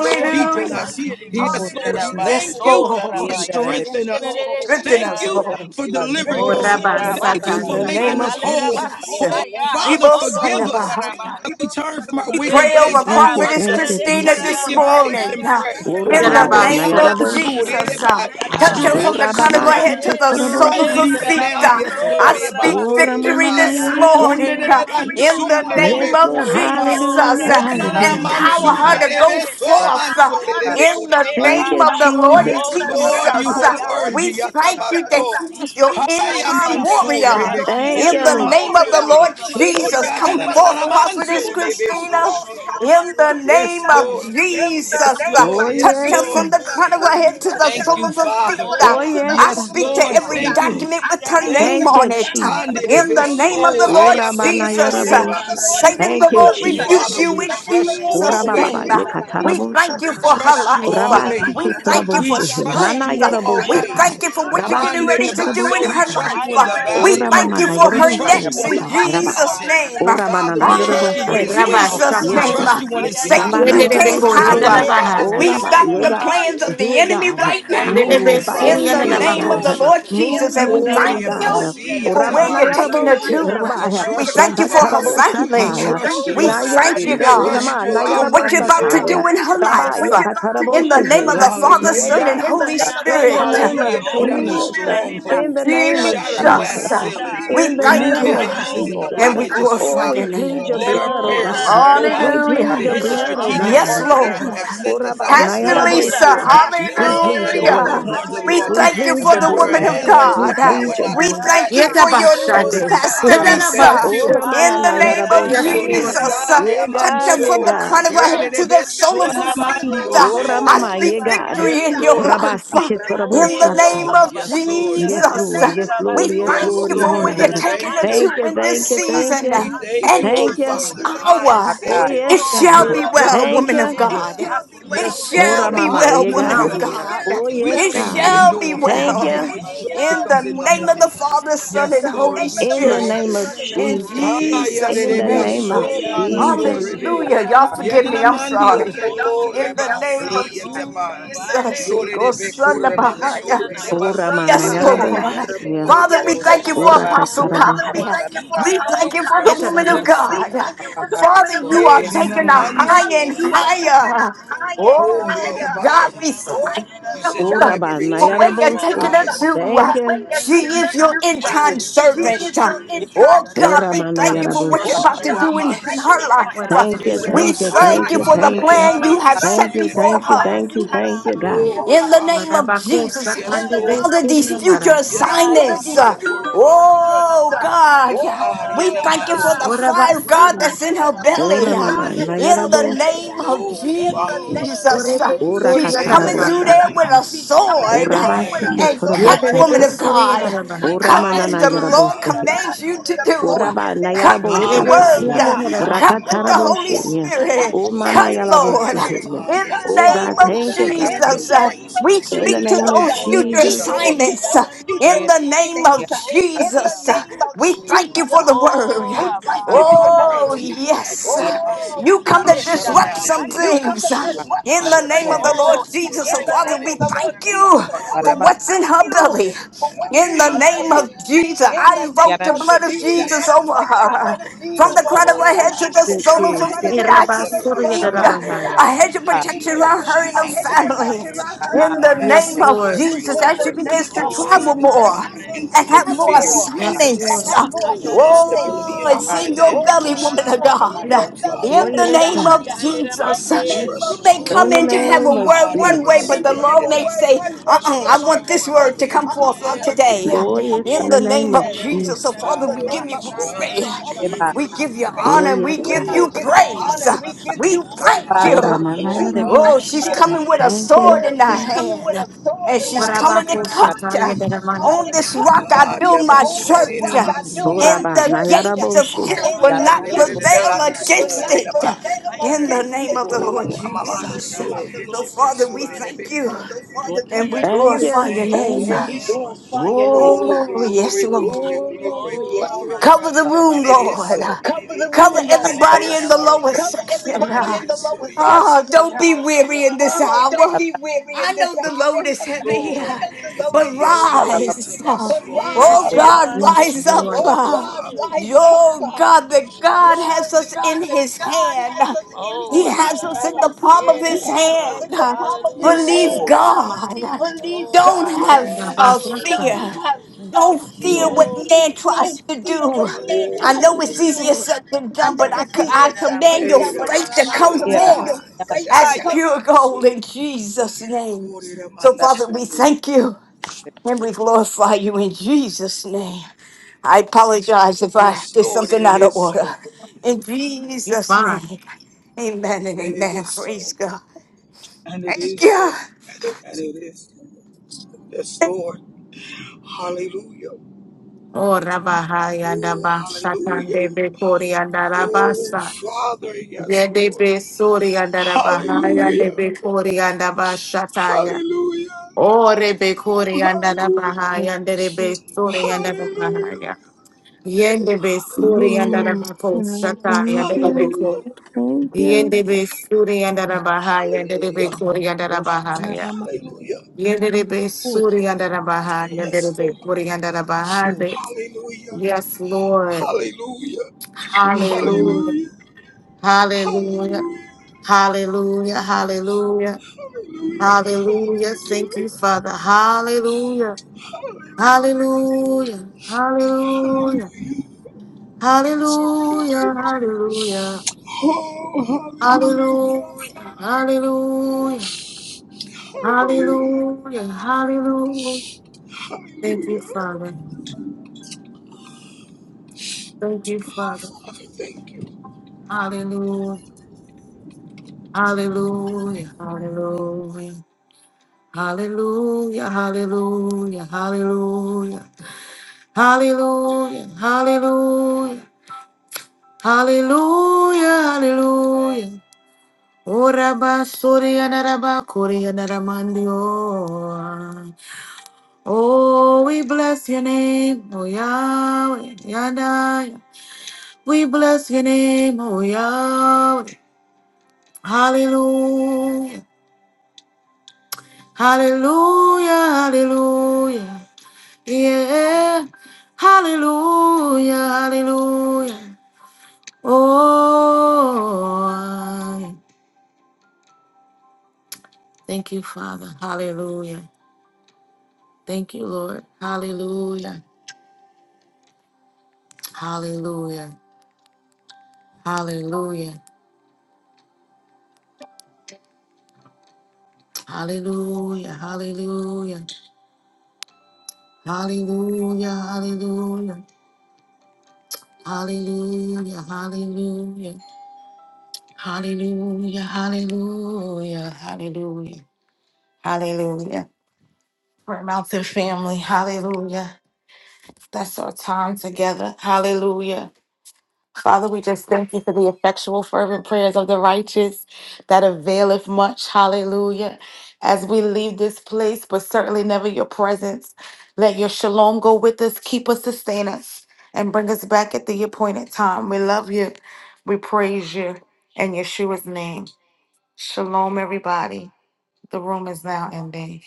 E: for
F: la, la,
E: keeping us.
F: mande,
H: In
F: re, re,
H: the
F: shi,
H: name
E: Yes,
H: of
F: ra, ra,
E: Lord,
F: ba,
H: Jesus.
F: Hallelujah.
C: Yes,
E: thank
F: so,
E: you
F: ra, ra,
C: Lord.
E: for
F: ba, ya, re, Yes,
E: strengthening us.
C: Strengthen
E: Thank
C: us,
E: you
C: Lord.
E: for
H: In the
E: delivering
H: name
E: us.
H: of
F: Oh,
E: Thank
H: Jesus.
E: you
C: In
E: for
C: the
F: rabasi,
A: Orabasatande.
E: making
C: name
E: us
C: of
F: manalera
E: whole.
F: basi,
C: Jesus.
E: Oh,
F: maya,
E: Father,
C: Ibo son
E: forgive
F: renororo
C: of a
E: us
C: higher.
F: sharabaya.
E: as we turn from our
C: We
E: wicked
C: pray
F: Yes,
E: ways,
C: over
J: Thank
E: humble
J: you,
C: Prophetess
J: thank
F: saramandere
J: you,
E: ourselves,
F: de
J: thank
C: Christina
J: you.
E: seek
C: this
J: Jesus.
E: your face
F: sharabaya,
C: morning
E: and
F: ya, ya,
C: uh,
F: ya.
E: pray.
J: Ora
C: in
F: Oh,
C: the
J: baba
E: Oh,
J: ba
F: oh,
C: name
A: Yedarabaso.
C: of
J: nayarabosh.
E: Yamansu,
F: rabasha, ya,
C: Jesus.
E: Yereba,
C: uh, Touch
F: ya.
C: her from
E: Strength,
C: the
J: Ora
C: crown of
J: baba
C: her
E: strength,
C: head to
F: Yes,
C: the
F: yes,
C: sole
E: strength
C: of
F: yes,
C: her
E: even
J: siketoroboshata.
C: feet.
E: now.
C: uh,
F: rabaso,
E: Yes, Lord.
C: I
E: Yereba,
C: speak
E: so,
J: Ora
F: rabasi, ya,
C: victory
F: ya,
E: Yereba.
J: manama
C: this
F: ya,
C: morning
J: yarabose.
C: uh,
E: Hundereba,
F: sheramando,
C: in
E: so,
C: the
E: Yerebe,
C: name
F: rabaya.
J: Yes,
C: of
J: Lord.
E: Kureba.
F: Oh,
C: Jesus.
J: Hallelujah,
C: uh,
H: In the
E: Honanana,
H: name
J: hallelujah.
F: ramandere
H: of
F: de
C: Empower her
H: Jesus.
C: to
F: sikaya,
C: go
E: Yerebe,
F: de
E: so,
C: forth
E: Mansu,
C: uh,
E: Yerebe,
C: in
F: shenamando,
C: the
E: Kunana,
J: Thank
C: name
J: you,
C: of the
F: shekabasi,
C: Lord
J: Jesus.
E: Yes,
F: oh,
C: Jesus.
E: Lord, you are
C: uh,
F: rabaya,
C: We
E: worthy.
C: thank you that
E: Yatabaso.
C: she is your
E: Hi,
F: we
C: end
F: thank
C: time
F: you that
E: Yamansu,
F: she's your
C: warrior
E: Yerebe, Ki,
J: Thank
C: in
J: you,
C: the
E: Yerebe,
F: end-time
J: Lord.
C: name of the Lord
F: In
C: Jesus.
F: the
C: Come
F: name of the
C: forth,
F: Lord
C: prophetess
E: Orianananamanso
F: Jesus, come
C: Christina,
E: nebeso.
F: forward,
C: in
F: Prophetess
C: the
E: Yes,
C: name
F: Christina.
C: of
E: Lord.
F: In the
C: Jesus.
E: Yes,
C: Uh,
F: name
E: Lord.
J: Oh,
F: of
E: Yes,
C: Touch
J: yes,
C: her
E: Lord.
C: from
J: God.
C: the
F: Jesus,
C: crown of her head to the
F: touch us
E: Thank
C: sole
E: you,
C: of
F: from the
C: her
F: crown
C: feet.
F: of
E: Father.
F: our
C: Uh,
J: Oh,
F: head to
J: yes,
F: the
C: I
E: Yes,
J: God.
F: soles of
C: speak to
E: Lord.
C: every
E: Thank
F: our feet.
E: you.
C: document with
F: I
C: her
F: speak to
E: Thank
C: name
J: Thank
E: you.
J: you,
C: on
F: every
C: it. Uh,
F: document
E: Ande
J: Jesus.
F: lift her
C: In the
F: name
C: name
F: on
C: of
F: it.
C: the
E: nebeso,
C: Lord
J: Ora
F: In
E: ayamanso
F: the
C: Jesus,
F: name
C: Uh,
E: reba.
F: of
J: manayarabosh.
F: the Lord
C: Satan, the
J: Thank you,
C: Lord
F: Jesus,
E: Oh,
J: Jesus.
C: rebuke
E: Father,
C: you
E: we
C: in
F: Satan, the
E: trust
F: Lord
E: you
J: Ora
C: Jesus'
J: baba
F: rebuke
J: ba
C: name.
F: you
E: always.
C: We
F: in
C: thank
F: Jesus'
C: you
E: We
J: yekataraboshata.
C: for
F: name.
C: her
E: trust you
C: life. Uh,
J: Rabasi
E: always.
C: We thank you
E: We
C: for
J: ketoraboshe,
E: trust
J: nana
C: strength.
E: you
C: Uh, We
I: you.
J: yaraboshatai,
E: always.
C: thank you for what you're
E: Ha,
C: getting
J: rabasi
C: ready
F: We
C: to
E: neba,
C: do in
F: thank
E: So
F: you for her life. We thank you for strength. We thank you
E: we
C: her
F: for what
J: ketoraboshatai,
E: trust
F: you're
C: life.
E: you in
C: Uh,
E: the
F: ready
C: We
F: to
E: valley
I: Terima
J: ora
F: do in
C: thank
E: low.
J: mama
C: you
J: na
C: for
E: We
F: her
C: her
E: trust
J: yarabosele
E: you
C: next
F: life.
E: on the
F: We
C: in
J: katai,
E: high
F: thank you
J: rabai,
F: for
C: Jesus'
E: mountain.
F: her
C: name. Uh,
J: ora
F: next in
E: Father,
J: manana
E: we
F: Jesus'
E: trust you
C: Father,
E: when
C: in
F: name.
E: it's well.
C: Jesus'
E: We
J: Yes,
C: name.
A: Rabasatanda.
J: God.
E: trust
C: uh,
E: you when
F: In
E: it's not
C: Satan, you
J: Rabbanaya
F: Jesus'
A: Yendere
E: well.
A: be
F: name,
C: can't
A: kore
C: have
A: yanda
E: Oh,
A: la
J: Raboseheya.
C: her.
E: Father,
J: Oh,
F: you
A: bahana.
C: We
E: thank
J: Rabba.
C: stop
F: can't
J: Yeah,
E: you.
F: have
C: the
J: God.
F: her.
C: plans of
J: Do
C: the
J: it,
F: We
C: enemy
J: God.
F: stop
C: right
F: the
E: Thank
C: now
A: Lede
F: plans
E: you,
J: Move
F: of
A: be
E: oh,
J: by
F: the
J: your
A: siri
C: in
E: Father.
F: enemy
C: the
A: yanda la
F: right
J: spirit,
E: Yes,
C: name
F: here
J: God.
C: of the
E: Lord.
A: bakosha.
C: Lord
F: in
J: Move,
C: Jesus. And
F: the
C: we
J: move,
F: name
E: Hori
J: move,
C: thank
F: of the Lord
C: you
J: God.
F: Jesus,
E: ebasi
J: Oh,
F: and
C: for where you're
J: Rabbanaya
F: stand
C: taking
E: yatamanso.
C: her
F: still
J: Raboshe.
F: in
C: to.
E: We
F: the
J: Rabaya.
F: way
C: We
E: trust you,
C: thank
F: that
C: you
F: you can
C: for her
E: Father.
F: do.
E: We
C: family.
F: We
J: Rakataraboshataya.
F: thank
E: trust
F: you
C: We
F: for
E: you.
F: her son,
C: thank you,
E: We
I: kasih.
J: Nayeleste.
C: God,
E: trust
J: Inama.
E: you.
F: We
C: for what
F: thank
C: you're
F: you,
C: about
F: God,
C: to
E: Amanso.
J: Nayarabosataya.
C: do in her life.
J: Rabaya
F: what you're about to
C: In
F: do
C: the
F: in her
C: name of the Father, Son,
F: life.
E: Hallelujah.
J: Katarabosheheya.
C: and
F: In the
C: Holy
F: name of the
J: In the
C: Spirit.
F: Father,
J: name
F: Son,
J: of
E: Hallelujah.
F: and
E: Pour down
F: Holy
E: the
J: Jesus.
F: Spirit.
C: Mm,
J: In
E: strongholds,
J: the
F: In
J: name
F: the
J: of
E: shatter glass
C: Jesus,
J: Jesus.
E: ceilings,
C: we
J: In the
F: name
C: thank
E: remove the
J: name
C: you
J: of
E: hindrances
F: of
E: and the
F: Jesus,
J: Jesus.
F: we
C: and we
E: blockages,
F: thank
E: oh
F: you
J: Oh,
C: glorify
J: we
C: your
E: Father.
J: plead
C: name.
J: your
E: Let
F: and
E: our
J: blood, oh God.
E: prayers go
J: We
E: out
F: we bless
J: plead
E: to
C: Hallelujah.
J: your
F: your
E: hit the
J: blood, oh
E: strategic
C: Yes,
J: God.
E: target that you
C: Lord.
E: have
F: Hallelujah.
J: Oh,
E: sent us
J: Rabbi,
E: out
F: Yes,
C: Pastor
E: to pray
F: Lord.
C: Lisa,
E: for.
J: Nayaraboshe.
E: Let
J: We
E: us not
J: plead
E: let
J: your
F: Constantly,
E: go of the
F: sir.
J: blood.
C: hallelujah.
E: horns of the
C: We
J: We
E: altar
F: Hallelujah.
C: thank you
J: plead
E: as
C: for
E: we
J: your
C: the
E: put our
C: woman
J: blood.
C: of
E: hands
F: We
E: onto the
J: We
C: God.
F: thank
E: plow
F: you
J: plead
E: and
F: for
J: your
E: not
F: the
C: We
E: look
F: woman
J: blood.
F: of
C: thank
E: back.
C: you
F: God.
C: for your
E: Oh
C: next
F: We
A: Shande.
F: thank
C: Pastor
E: Father,
F: you
A: Lede
E: we
A: la
F: for your
E: thank
C: Lisa.
J: Oh,
E: you.
A: basho.
J: Ramana
C: In the
F: testimony,
E: We
C: name of
F: sir.
E: thank
A: Yes,
E: you.
J: Nayaraboshata.
A: Lord.
E: Yes,
F: In
C: Jesus, uh,
F: the
E: I
J: Yeah,
F: name
E: am
F: of
E: and
C: touch
J: God,
C: her
F: Jesus,
J: yeah,
C: from the
E: so.
J: God.
C: crown of her
E: Yeah, de-
F: sir.
C: head
E: de-
C: to
E: be-
C: the
F: Touch us
C: sole
E: so
F: from
C: of
F: the crown
C: her
F: of our head
C: feet.
E: namandi, oh,
C: Uh,
F: to
J: Oh,
F: the
C: I
E: so.
J: Ramama,
F: soles of
J: yeah,
C: speak
F: our
J: God.
C: victory
F: feet,
E: Yes,
C: in your
E: Lord.
F: I
C: life.
J: Rabasti
C: Uh,
F: speak
J: Ketorabo
C: In
F: victory
C: the
F: in your
J: Shata.
C: name of
F: life,
E: Yes,
F: sir.
E: Lord.
J: Yes,
F: In the
C: Jesus,
J: Lord.
C: uh,
F: name
J: Yes,
F: of
C: we
F: Jesus,
J: Lord. Yes,
C: thank
F: we
E: Yes,
J: Lord.
C: you
J: Yes,
C: for
E: Lord,
C: where
F: fight
C: you're
E: we
F: the
J: Lord.
C: taking her
E: thank you.
J: Thank
C: to
J: you.
C: in this
J: Thank you.
F: in
J: Thank
C: season
J: you.
C: uh,
E: We
F: the
E: thank
C: and
E: you, oh
C: in
J: Thank you.
C: this
E: Father,
F: name of Jesus,
E: kind
C: hour.
J: Oh,
E: Savior.
J: yes,
C: It
F: Oh,
J: God.
C: shall
F: da
E: You're
C: be
F: da
E: a good,
C: well,
F: masiye,
E: good
J: Thank
C: woman of
J: you.
F: It da
E: Father.
F: da
C: God.
F: shall be well,
C: It
E: Yes,
F: masiyo, da woman da
J: Lord,
F: of
C: shall
F: da
E: Lord,
J: I'm
F: God.
C: be
J: my
C: well,
J: yeah,
C: woman
A: Shall
E: hallelujah.
F: masiyo,
C: of
F: da
J: God.
A: we
F: It
A: will.
C: God.
F: shall
J: Oh,
F: be
J: yes,
F: well,
C: It
E: Weeping
F: woman of
E: may
F: God.
J: God.
F: Hiro,
C: shall be
E: endure for the
J: Thank
C: well.
E: night,
F: da da It
J: you.
E: but joy
F: masiye, shall
C: In
F: da
C: the
F: be
E: comes in the
C: name of the
E: morning.
C: Father, Son,
E: Yes,
C: and Holy
E: Lord, we
F: da well.
J: In the
C: Spirit.
E: trust
J: name
F: pasiye,
E: you.
F: da
J: of
F: da In the pasiyo, da da name
C: In
F: of
J: Jesus.
E: Ah,
F: the masiye. Father, Son, and Holy
C: Jesus'
J: In the
E: yarebe
F: Spirit. Hallelujah. Thank you, In
C: name.
F: the
J: name of
E: aso
F: name of Jesus,
J: Jesus.
F: Jesus.
E: mansorebe.
C: Hallelujah.
F: Shedaya.
C: Y'all forgive me.
F: Hallelujah.
C: I'm
E: Yenanamandi
F: Y'all Oh, be da
C: sorry.
F: getting
C: In
F: me
C: the
F: out of here.
E: okoreba
C: name
F: maso,
C: of
F: In
E: si
F: the
E: yetema.
C: Jesus.
F: name
C: He
F: alabaya.
C: goes,
E: Yorebe
C: Son of
E: kore manso.
C: Bahia.
E: Reba
J: Ora
E: si
C: Yes,
E: yerebe.
C: Lord.
J: manayaraboshe. Yeah.
E: Oh
C: Father,
F: Yes,
C: we
E: Lord, we
C: thank you for
F: Lord.
J: Ora
E: trust you.
C: Apostle
F: Father, we
J: kataraboshe.
C: Kai.
F: thank you for
C: We
F: Apostle
C: thank
E: We
C: you for the
F: Collins.
A: Yeta
E: trust
A: la
C: woman
E: you,
C: of
E: O
F: We
A: basa.
E: Father.
C: God.
F: thank you for the woman
C: Father,
F: of
C: you
E: Here
C: are
F: God.
E: in
A: Yes,
E: the
C: taking a
A: Lord.
F: Father,
C: higher and
E: Mansur
F: you are
E: Ribai.
F: taking
C: higher.
F: us higher and
E: Oh,
C: Oh,
F: higher.
C: God,
E: Ribai.
C: we
F: Oh,
C: thank
E: You said you
C: you
E: would
J: Ora
F: God,
E: wipe
F: we thank
E: every
F: you
C: for
E: tear
C: where
E: from
C: you're
E: our
C: taking
J: banayaraboshe.
C: her
E: eye, O
F: for
J: Thank
E: Father.
C: to.
F: where
J: you.
F: you're
C: She
F: taking
C: is
F: us
C: your
F: to.
C: end
E: Oh,
C: time
E: we
F: He
C: servant.
F: is
E: trust
F: your
E: you.
F: in-time
C: Oh, God,
J: Ora
C: we
F: servant.
C: thank
E: We
C: you for what you're
J: manayaraboshe.
F: Oh
E: trust
C: about
E: you,
C: to
F: God,
C: do
F: we
C: in her
F: thank you
E: Hamanso.
F: for what
C: life.
F: you're
A: Ora
F: about to
J: Thank you.
F: do in
A: basa.
C: We
J: Thank you.
F: her
E: Yetebasore
C: thank
J: Thank
C: you
J: you.
C: for
A: Basa.
E: Ribai,
C: the
J: Thank you.
F: life.
C: plan you
F: We
C: have
E: Ninanamansu
F: thank
J: Thank
C: set
F: you
J: you,
F: for
C: before
E: Ribai.
F: the
J: thank you,
C: her
F: plan
J: thank you,
F: you have
J: thank you,
F: set
J: God.
F: before
E: Oh,
C: in the
F: her.
C: name
A: Ora
E: Father.
C: of
A: bakosha.
C: Jesus.
F: In
E: Yes,
A: Kande
F: the
A: be
F: name
E: Lord.
C: Father,
F: of
A: siri
C: these
A: yanda
C: future
A: la.
F: Jesus,
E: Yes,
F: Father,
E: Lord,
C: assignments.
E: you
C: uh,
E: are
F: diffuse
E: worthy.
F: holiness.
C: Oh God, yeah.
E: Ah,
C: we
F: Oh
C: thank you for
F: God,
C: the
E: Rienamansu.
A: Ora
C: fire,
A: basa.
F: we
C: God, that's
F: thank you
C: in
F: for
C: her
F: the
C: belly.
J: Ora
F: fire,
C: yeah.
F: God,
J: mama
F: that's in her
C: In the
J: nagarabosh,
C: name
F: belly.
C: of
E: Oh,
F: In the
E: Father,
F: name
A: Ora
C: Jesus, uh,
A: be
F: of
J: ora
E: we
A: kore
C: she's
A: yanda la
E: thank
C: coming
E: you
C: through there
A: bahana.
J: kataraboshata,
C: with a
F: Jesus, she's
E: and
F: coming
E: we
C: sword
F: through
J: ora
C: uh,
F: there
E: honor
F: with
J: basti
E: you, O
F: a
C: and
E: Father.
C: cut,
F: sword
A: Yendere
C: woman
A: be
J: ketaraboshata,
C: of
A: siri yanda
C: God.
A: la
F: and
A: bahana.
F: cut,
E: We
J: ora
C: Cut
F: woman
J: mana
E: honor
F: of
C: as the
E: you, O
C: Lord
J: nagaraboshe,
E: Father.
F: God. Cut
C: commands
F: as
C: you to
F: the
J: ora
C: do.
F: Lord
J: ba
C: Cut
E: We
F: commands
C: with
F: you to
A: Lede
C: the
F: do.
E: honor
A: be
J: nagaraboshata
E: you,
A: siri
J: ya,
C: word.
A: yanda la
F: Cut
E: Adonai.
F: with
C: Cut
A: bakosha.
F: the
C: with the Holy
J: rakataraboshe ya,
F: word. Cut
E: Oh,
C: Spirit.
J: o
F: with the
E: Lord,
J: mana
E: it
C: Cut,
F: Holy
E: about
C: Lord.
J: yaraboshe ya.
C: In
F: Spirit.
E: Hasatan, we
F: Cut,
C: the
J: Oh
E: see you.
C: name
J: God,
F: Lord.
C: of
J: thank you,
E: And you
F: In
J: God.
E: have
F: Thank you, the
E: no
C: Jesus,
F: Jesus.
C: uh,
F: name
E: rights,
F: of In
C: we
E: no
J: In the
C: speak
F: Jesus,
C: to
F: the
E: legal
J: name of
F: Jesus,
C: those
F: name
E: access. We
F: of
C: future
F: we
J: Jesus,
E: shut
F: Jesus.
E: all
F: speak to
C: assignments. uh,
F: those future
C: In the name of
F: assignments. uh, In the
C: Jesus, Uh,
F: name of
C: we
I: Para
C: thank you
F: Jesus,
C: for the word.
F: Oh, we Oh,
E: that's
F: thank you Abba, for
E: giving
F: the
E: you
F: word.
C: Oh,
E: rights and legal
F: Maraletima, Redesha,
C: yes.
F: Oh,
E: access to us.
C: You
F: Hallelujah, you
C: come
E: We
C: to
F: Hallelujah,
E: shut
F: Resha,
E: them
C: disrupt
E: down in the
C: some
F: Raramanda,
E: name
F: you
E: of
F: come to Resha.
C: things.
E: Yeshua.
F: disrupt
E: We
C: In
F: some
C: the
E: shut them
C: name
F: things. uh,
C: of the
E: down to
C: Lord
F: Oh,
E: the
F: In the
E: doors
C: Jesus,
E: to
C: oh
F: Sikaya,
C: Father,
F: name
C: we
E: heartache,
F: of the Resha, Lord
C: thank
F: Resha,
C: you
F: Jesus, Rarabaso, Father,
C: for
E: heartbreak,
F: Rabaso, we
C: what's in
F: thank Raramaya.
C: her
F: you
C: belly.
F: for what's in
C: In the
F: her Ay,
E: pain.
C: name
F: belly.
C: of Jesus,
F: In
C: I
F: the
C: invoke
F: name
C: the
E: We
F: of
C: blood
E: shut the
C: of
E: door
F: Jesus,
C: Jesus
F: I
E: now.
C: over
F: invoke the blood
C: her.
F: of
C: From
F: Jesus
C: the
E: No heart
C: crown of
F: over
C: her
E: attacks,
F: her.
E: no
C: head to the
E: strokes,
C: sole
F: From
E: no
C: of
F: the
C: her
F: crown of
E: aneurysm,
C: feet,
F: her
E: no
A: Ora
C: I
F: head to
E: blood
F: the
A: basuri
E: clots,
A: yanda
F: soles
C: speak
A: la
F: of her
E: no
A: bahana.
C: a
E: lupus, no
C: hedge of
E: cancer,
F: feet,
E: no
C: protection around
E: depression,
C: her
E: no
C: and her
F: a to
E: anxiety.
F: protect
C: family.
F: protection around her
E: no
C: In the
F: and
E: MS,
F: her
C: name
A: Yes,
E: no
F: family.
C: of
A: Lord.
F: Yes, In
E: migraines,
C: Jesus,
E: no
C: as she
F: the
E: vertigo, no
F: name of
C: begins to travel
F: Oh,
E: indecisiveness,
F: Jesus,
E: no
F: as she
C: more
F: Amanda, begins to
E: anx-
C: and
E: no
F: Rebesi,
C: have
F: travel
C: more
E: fear, no
F: more,
E: panic
A: Yes,
F: and
A: Lord.
E: attacks,
C: assignments.
F: that voice Ikaya
E: no
F: Jesus. so
E: instability
C: Oh,
E: in our
C: it's
F: yo
C: in
E: minds and
F: Oh,
C: your
E: in our
F: it's in
C: belly, woman
E: emotions.
C: of God.
F: your
E: Oh
F: belly,
E: Father,
J: oh
C: In
E: we
F: woman
C: the
F: of
J: yes,
C: name
F: God.
E: trust
J: God.
C: of
E: you.
F: In the
C: Jesus,
E: We
F: name of
C: you
E: trust
C: may
E: you.
C: come
J: In the
C: in to have a
J: name
F: Jesus,
J: of
C: word
F: you may
C: one
J: Jesus,
C: way,
F: come in
C: but
F: to
C: the
F: have
C: Lord
F: a
C: may
E: Hadiabasorideba.
F: word
C: say,
F: one
E: We
F: way,
C: uh
F: but
C: uh
F: the
C: I
E: trust
F: Lord
C: want
E: you
F: may
C: this
F: Oh, say,
C: word to come
F: uh-uh,
E: always.
C: forth
F: I
C: on
F: want this
C: today.
F: word
J: oh
F: to come
J: yes, in
C: In
F: forth
J: the
C: the
F: from
J: name
C: name
J: of
C: of
F: today. In the name
J: Jesus,
C: Jesus, so Father, we
E: Father,
F: of
C: give
E: we
C: you
F: Jesus, so
C: glory,
E: trust you
F: Father, we
C: we give you
F: give you glory.
J: oh
C: honor, and we
J: yes,
F: We
J: God.
C: give you
F: give you
C: praise.
F: honor.
E: always.
F: We give
C: We
F: you
C: thank
F: praise.
E: Father,
J: Ora
C: you.
E: we
F: We
C: Oh,
F: thank
J: manayaraboshi.
C: she's
F: you.
E: trust
C: coming
E: you
C: with a
J: Thank you.
C: sword
F: Oh,
C: in her
F: she's coming with a
C: hand,
F: sword
C: and
F: in
C: she's
F: her
C: coming to
E: always.
A: Orabaku
F: hand,
A: Sataya
C: cut.
F: and she's
A: Deraman.
F: coming
C: On
F: to
C: this
F: cut.
C: rock I build my
F: On this
C: church,
F: rock I build
E: Hadiabasoridamaski.
J: Ora
F: my
C: and the
F: church,
C: gates of
J: banayaraboshi.
C: hell
F: and
C: will not
F: the
E: Oh,
F: gates of
C: prevail
F: Philip will
C: against
F: not
C: it.
F: prevail
C: In the
F: against
C: name
F: it.
C: of the Lord
F: In the
C: Jesus.
E: amamanso,
F: name of the
C: So,
F: Lord
C: Father,
E: yetebeso,
C: we
F: Jesus.
C: thank
E: rebeko.
C: you
F: So, Father, we
C: and we
F: thank
J: Thank
F: you,
C: glorify
J: you.
C: your
E: Thank you,
C: name.
F: and we
E: Father.
F: glorify your name.
E: Oh,
C: Oh, yes,
E: glory,
C: Lord.
E: glory, glory,
F: Oh, yes, you
E: glory.
C: Cover the room,
E: And it
F: are.
E: is
C: Lord.
E: so.
C: Cover
E: And it
F: Lord.
C: everybody
E: is
C: in the
E: so.
C: lower
F: Cover
E: And
C: section.
E: it
F: everybody in the
E: is so.
F: lower
E: Yes,
C: Oh,
F: section.
C: don't be weary in this
F: Oh,
C: hour.
F: don't be weary
C: I
F: in this
C: know the load
F: hour.
C: is heavy,
F: I
E: Lord.
F: know the load
C: but
F: is
E: Yes, Lord.
F: heavy,
C: rise.
F: but
E: Yetebaso,
F: rise.
C: Oh
E: nenamai.
C: God,
A: Yes,
C: rise up.
A: Lord.
E: Oh,
F: Oh, God,
E: Father.
F: rise up,
C: Oh
F: God.
C: God, that God has
F: Oh,
C: us
F: God,
C: in
F: that
C: his
F: God
C: hand.
F: has us in Oh, his
C: He has us in the palm of
F: hand.
C: his
F: He has us
C: hand.
F: in the palm of his
E: Yes,
C: Believe
E: Lord.
F: Hallelujah. hand.
C: God.
F: Believe Oh,
C: Don't
F: God.
C: have a
E: Yes, Lord.
A: Dabasatan.
F: Don't
C: fear.
F: have uh,
C: Don't
F: fear.
C: fear
E: Oh,
C: what man
F: Don't
C: tries to
F: fear what
C: do.
F: man
C: I
F: tries
C: know
E: oh.
F: to
C: it's
F: do.
C: easier said than
F: I
C: done,
F: know
C: but I,
F: it
C: co-
F: seems Yeah, there's
C: I
F: that
C: command
F: something
C: your
F: done, but I,
C: faith
F: co-
C: to
F: I
C: come
E: Yetebaso,
F: command your
C: forth
E: nenamai.
F: faith to
C: as
E: Ay,
F: come
C: pure gold in Jesus' name.
E: Order
C: So, Father, we
E: monsoon.
C: thank you and we glorify you in Jesus' name. I apologize if I
E: Yes,
C: did
E: Lord, and
C: something
E: it
C: out of
E: is
C: order.
E: so.
C: In
E: And
C: Jesus'
A: Ifan.
C: name, amen and
E: it
C: amen.
E: is
C: Praise
E: so.
C: God.
E: And it
C: Thank
E: is
C: you.
E: so. And it is so. Yes, Lord. Hallelujah.
A: Orabahaya
E: Oh,
A: Dabasatan
E: hallelujah.
A: de Bekori and
E: Oh,
A: Arabasa.
E: Father, yes,
A: Yede
E: Lord.
A: Besori and
I: Yeah,
A: Arabahaya
I: Father,
A: and de
E: Hallelujah.
A: Bekori and Abashataya.
E: Hallelujah.
A: Ore Bekori
E: Oh,
A: and
E: hallelujah.
A: Arabahaya
J: Thank
A: and
J: you.
A: Rebesori and
I: here it is.
E: Hallelujah.
A: Arabahaya. Yende
J: Yes,
A: Besori and
E: Hallelujah.
A: Arabaku
J: God.
A: Sataya
J: Thank
A: de
J: you.
E: Hallelujah.
A: Bekori.
J: Thank you.
A: Yende be suri yanda da bahaya, yende de be
E: Hallelujah.
A: kuri yanda da
I: Roshana
A: bahaya.
I: Namaku,
E: Hallelujah.
A: Yende de be suri yanda da bahaya, yende de
E: Yes,
A: be
E: Lord.
A: kuri yanda da bahaya.
E: Hallelujah.
A: Yes, Lord.
E: Hallelujah.
J: Yes, Lord.
A: Hallelujah.
E: Hallelujah.
A: Hallelujah.
E: Hallelujah.
A: Hallelujah. Hallelujah.
E: Hallelujah.
A: Hallelujah.
E: Hallelujah.
A: Thank you, Father. Hallelujah.
E: Hallelujah.
A: Hallelujah. Hallelujah. Hallelujah.
E: Hallelujah.
A: Hallelujah.
E: It's am so
A: Hallelujah,
E: glad.
A: hallelujah,
E: Oh, hallelujah, Father. Hallelujah.
A: hallelujah,
E: Hallelujah. Father, thank you.
A: hallelujah, Hallelujah. Hallelujah. Hallelujah. Hallelujah. Hallelujah. Oh, rabba, basoria naraba koria naramandio. Oh, we bless your name, oh Yahweh, Yada. We bless your name, oh Yahweh. Hallelujah. Hallelujah. Hallelujah. Yeah. Hallelujah. Hallelujah. Oh, thank you, Father. Hallelujah. Thank you, Lord. Hallelujah. Hallelujah. Hallelujah. Hallelujah. Hallelujah. Hallelujah. Hallelujah. Hallelujah. Hallelujah. Hallelujah. Hallelujah. Hallelujah. leave this place, but certainly never your presence. Let your shalom go with us, keep us, sustain us, and bring us back at the appointed time. We love you. We praise you in Yeshua's name. Shalom, everybody. The room is now ending.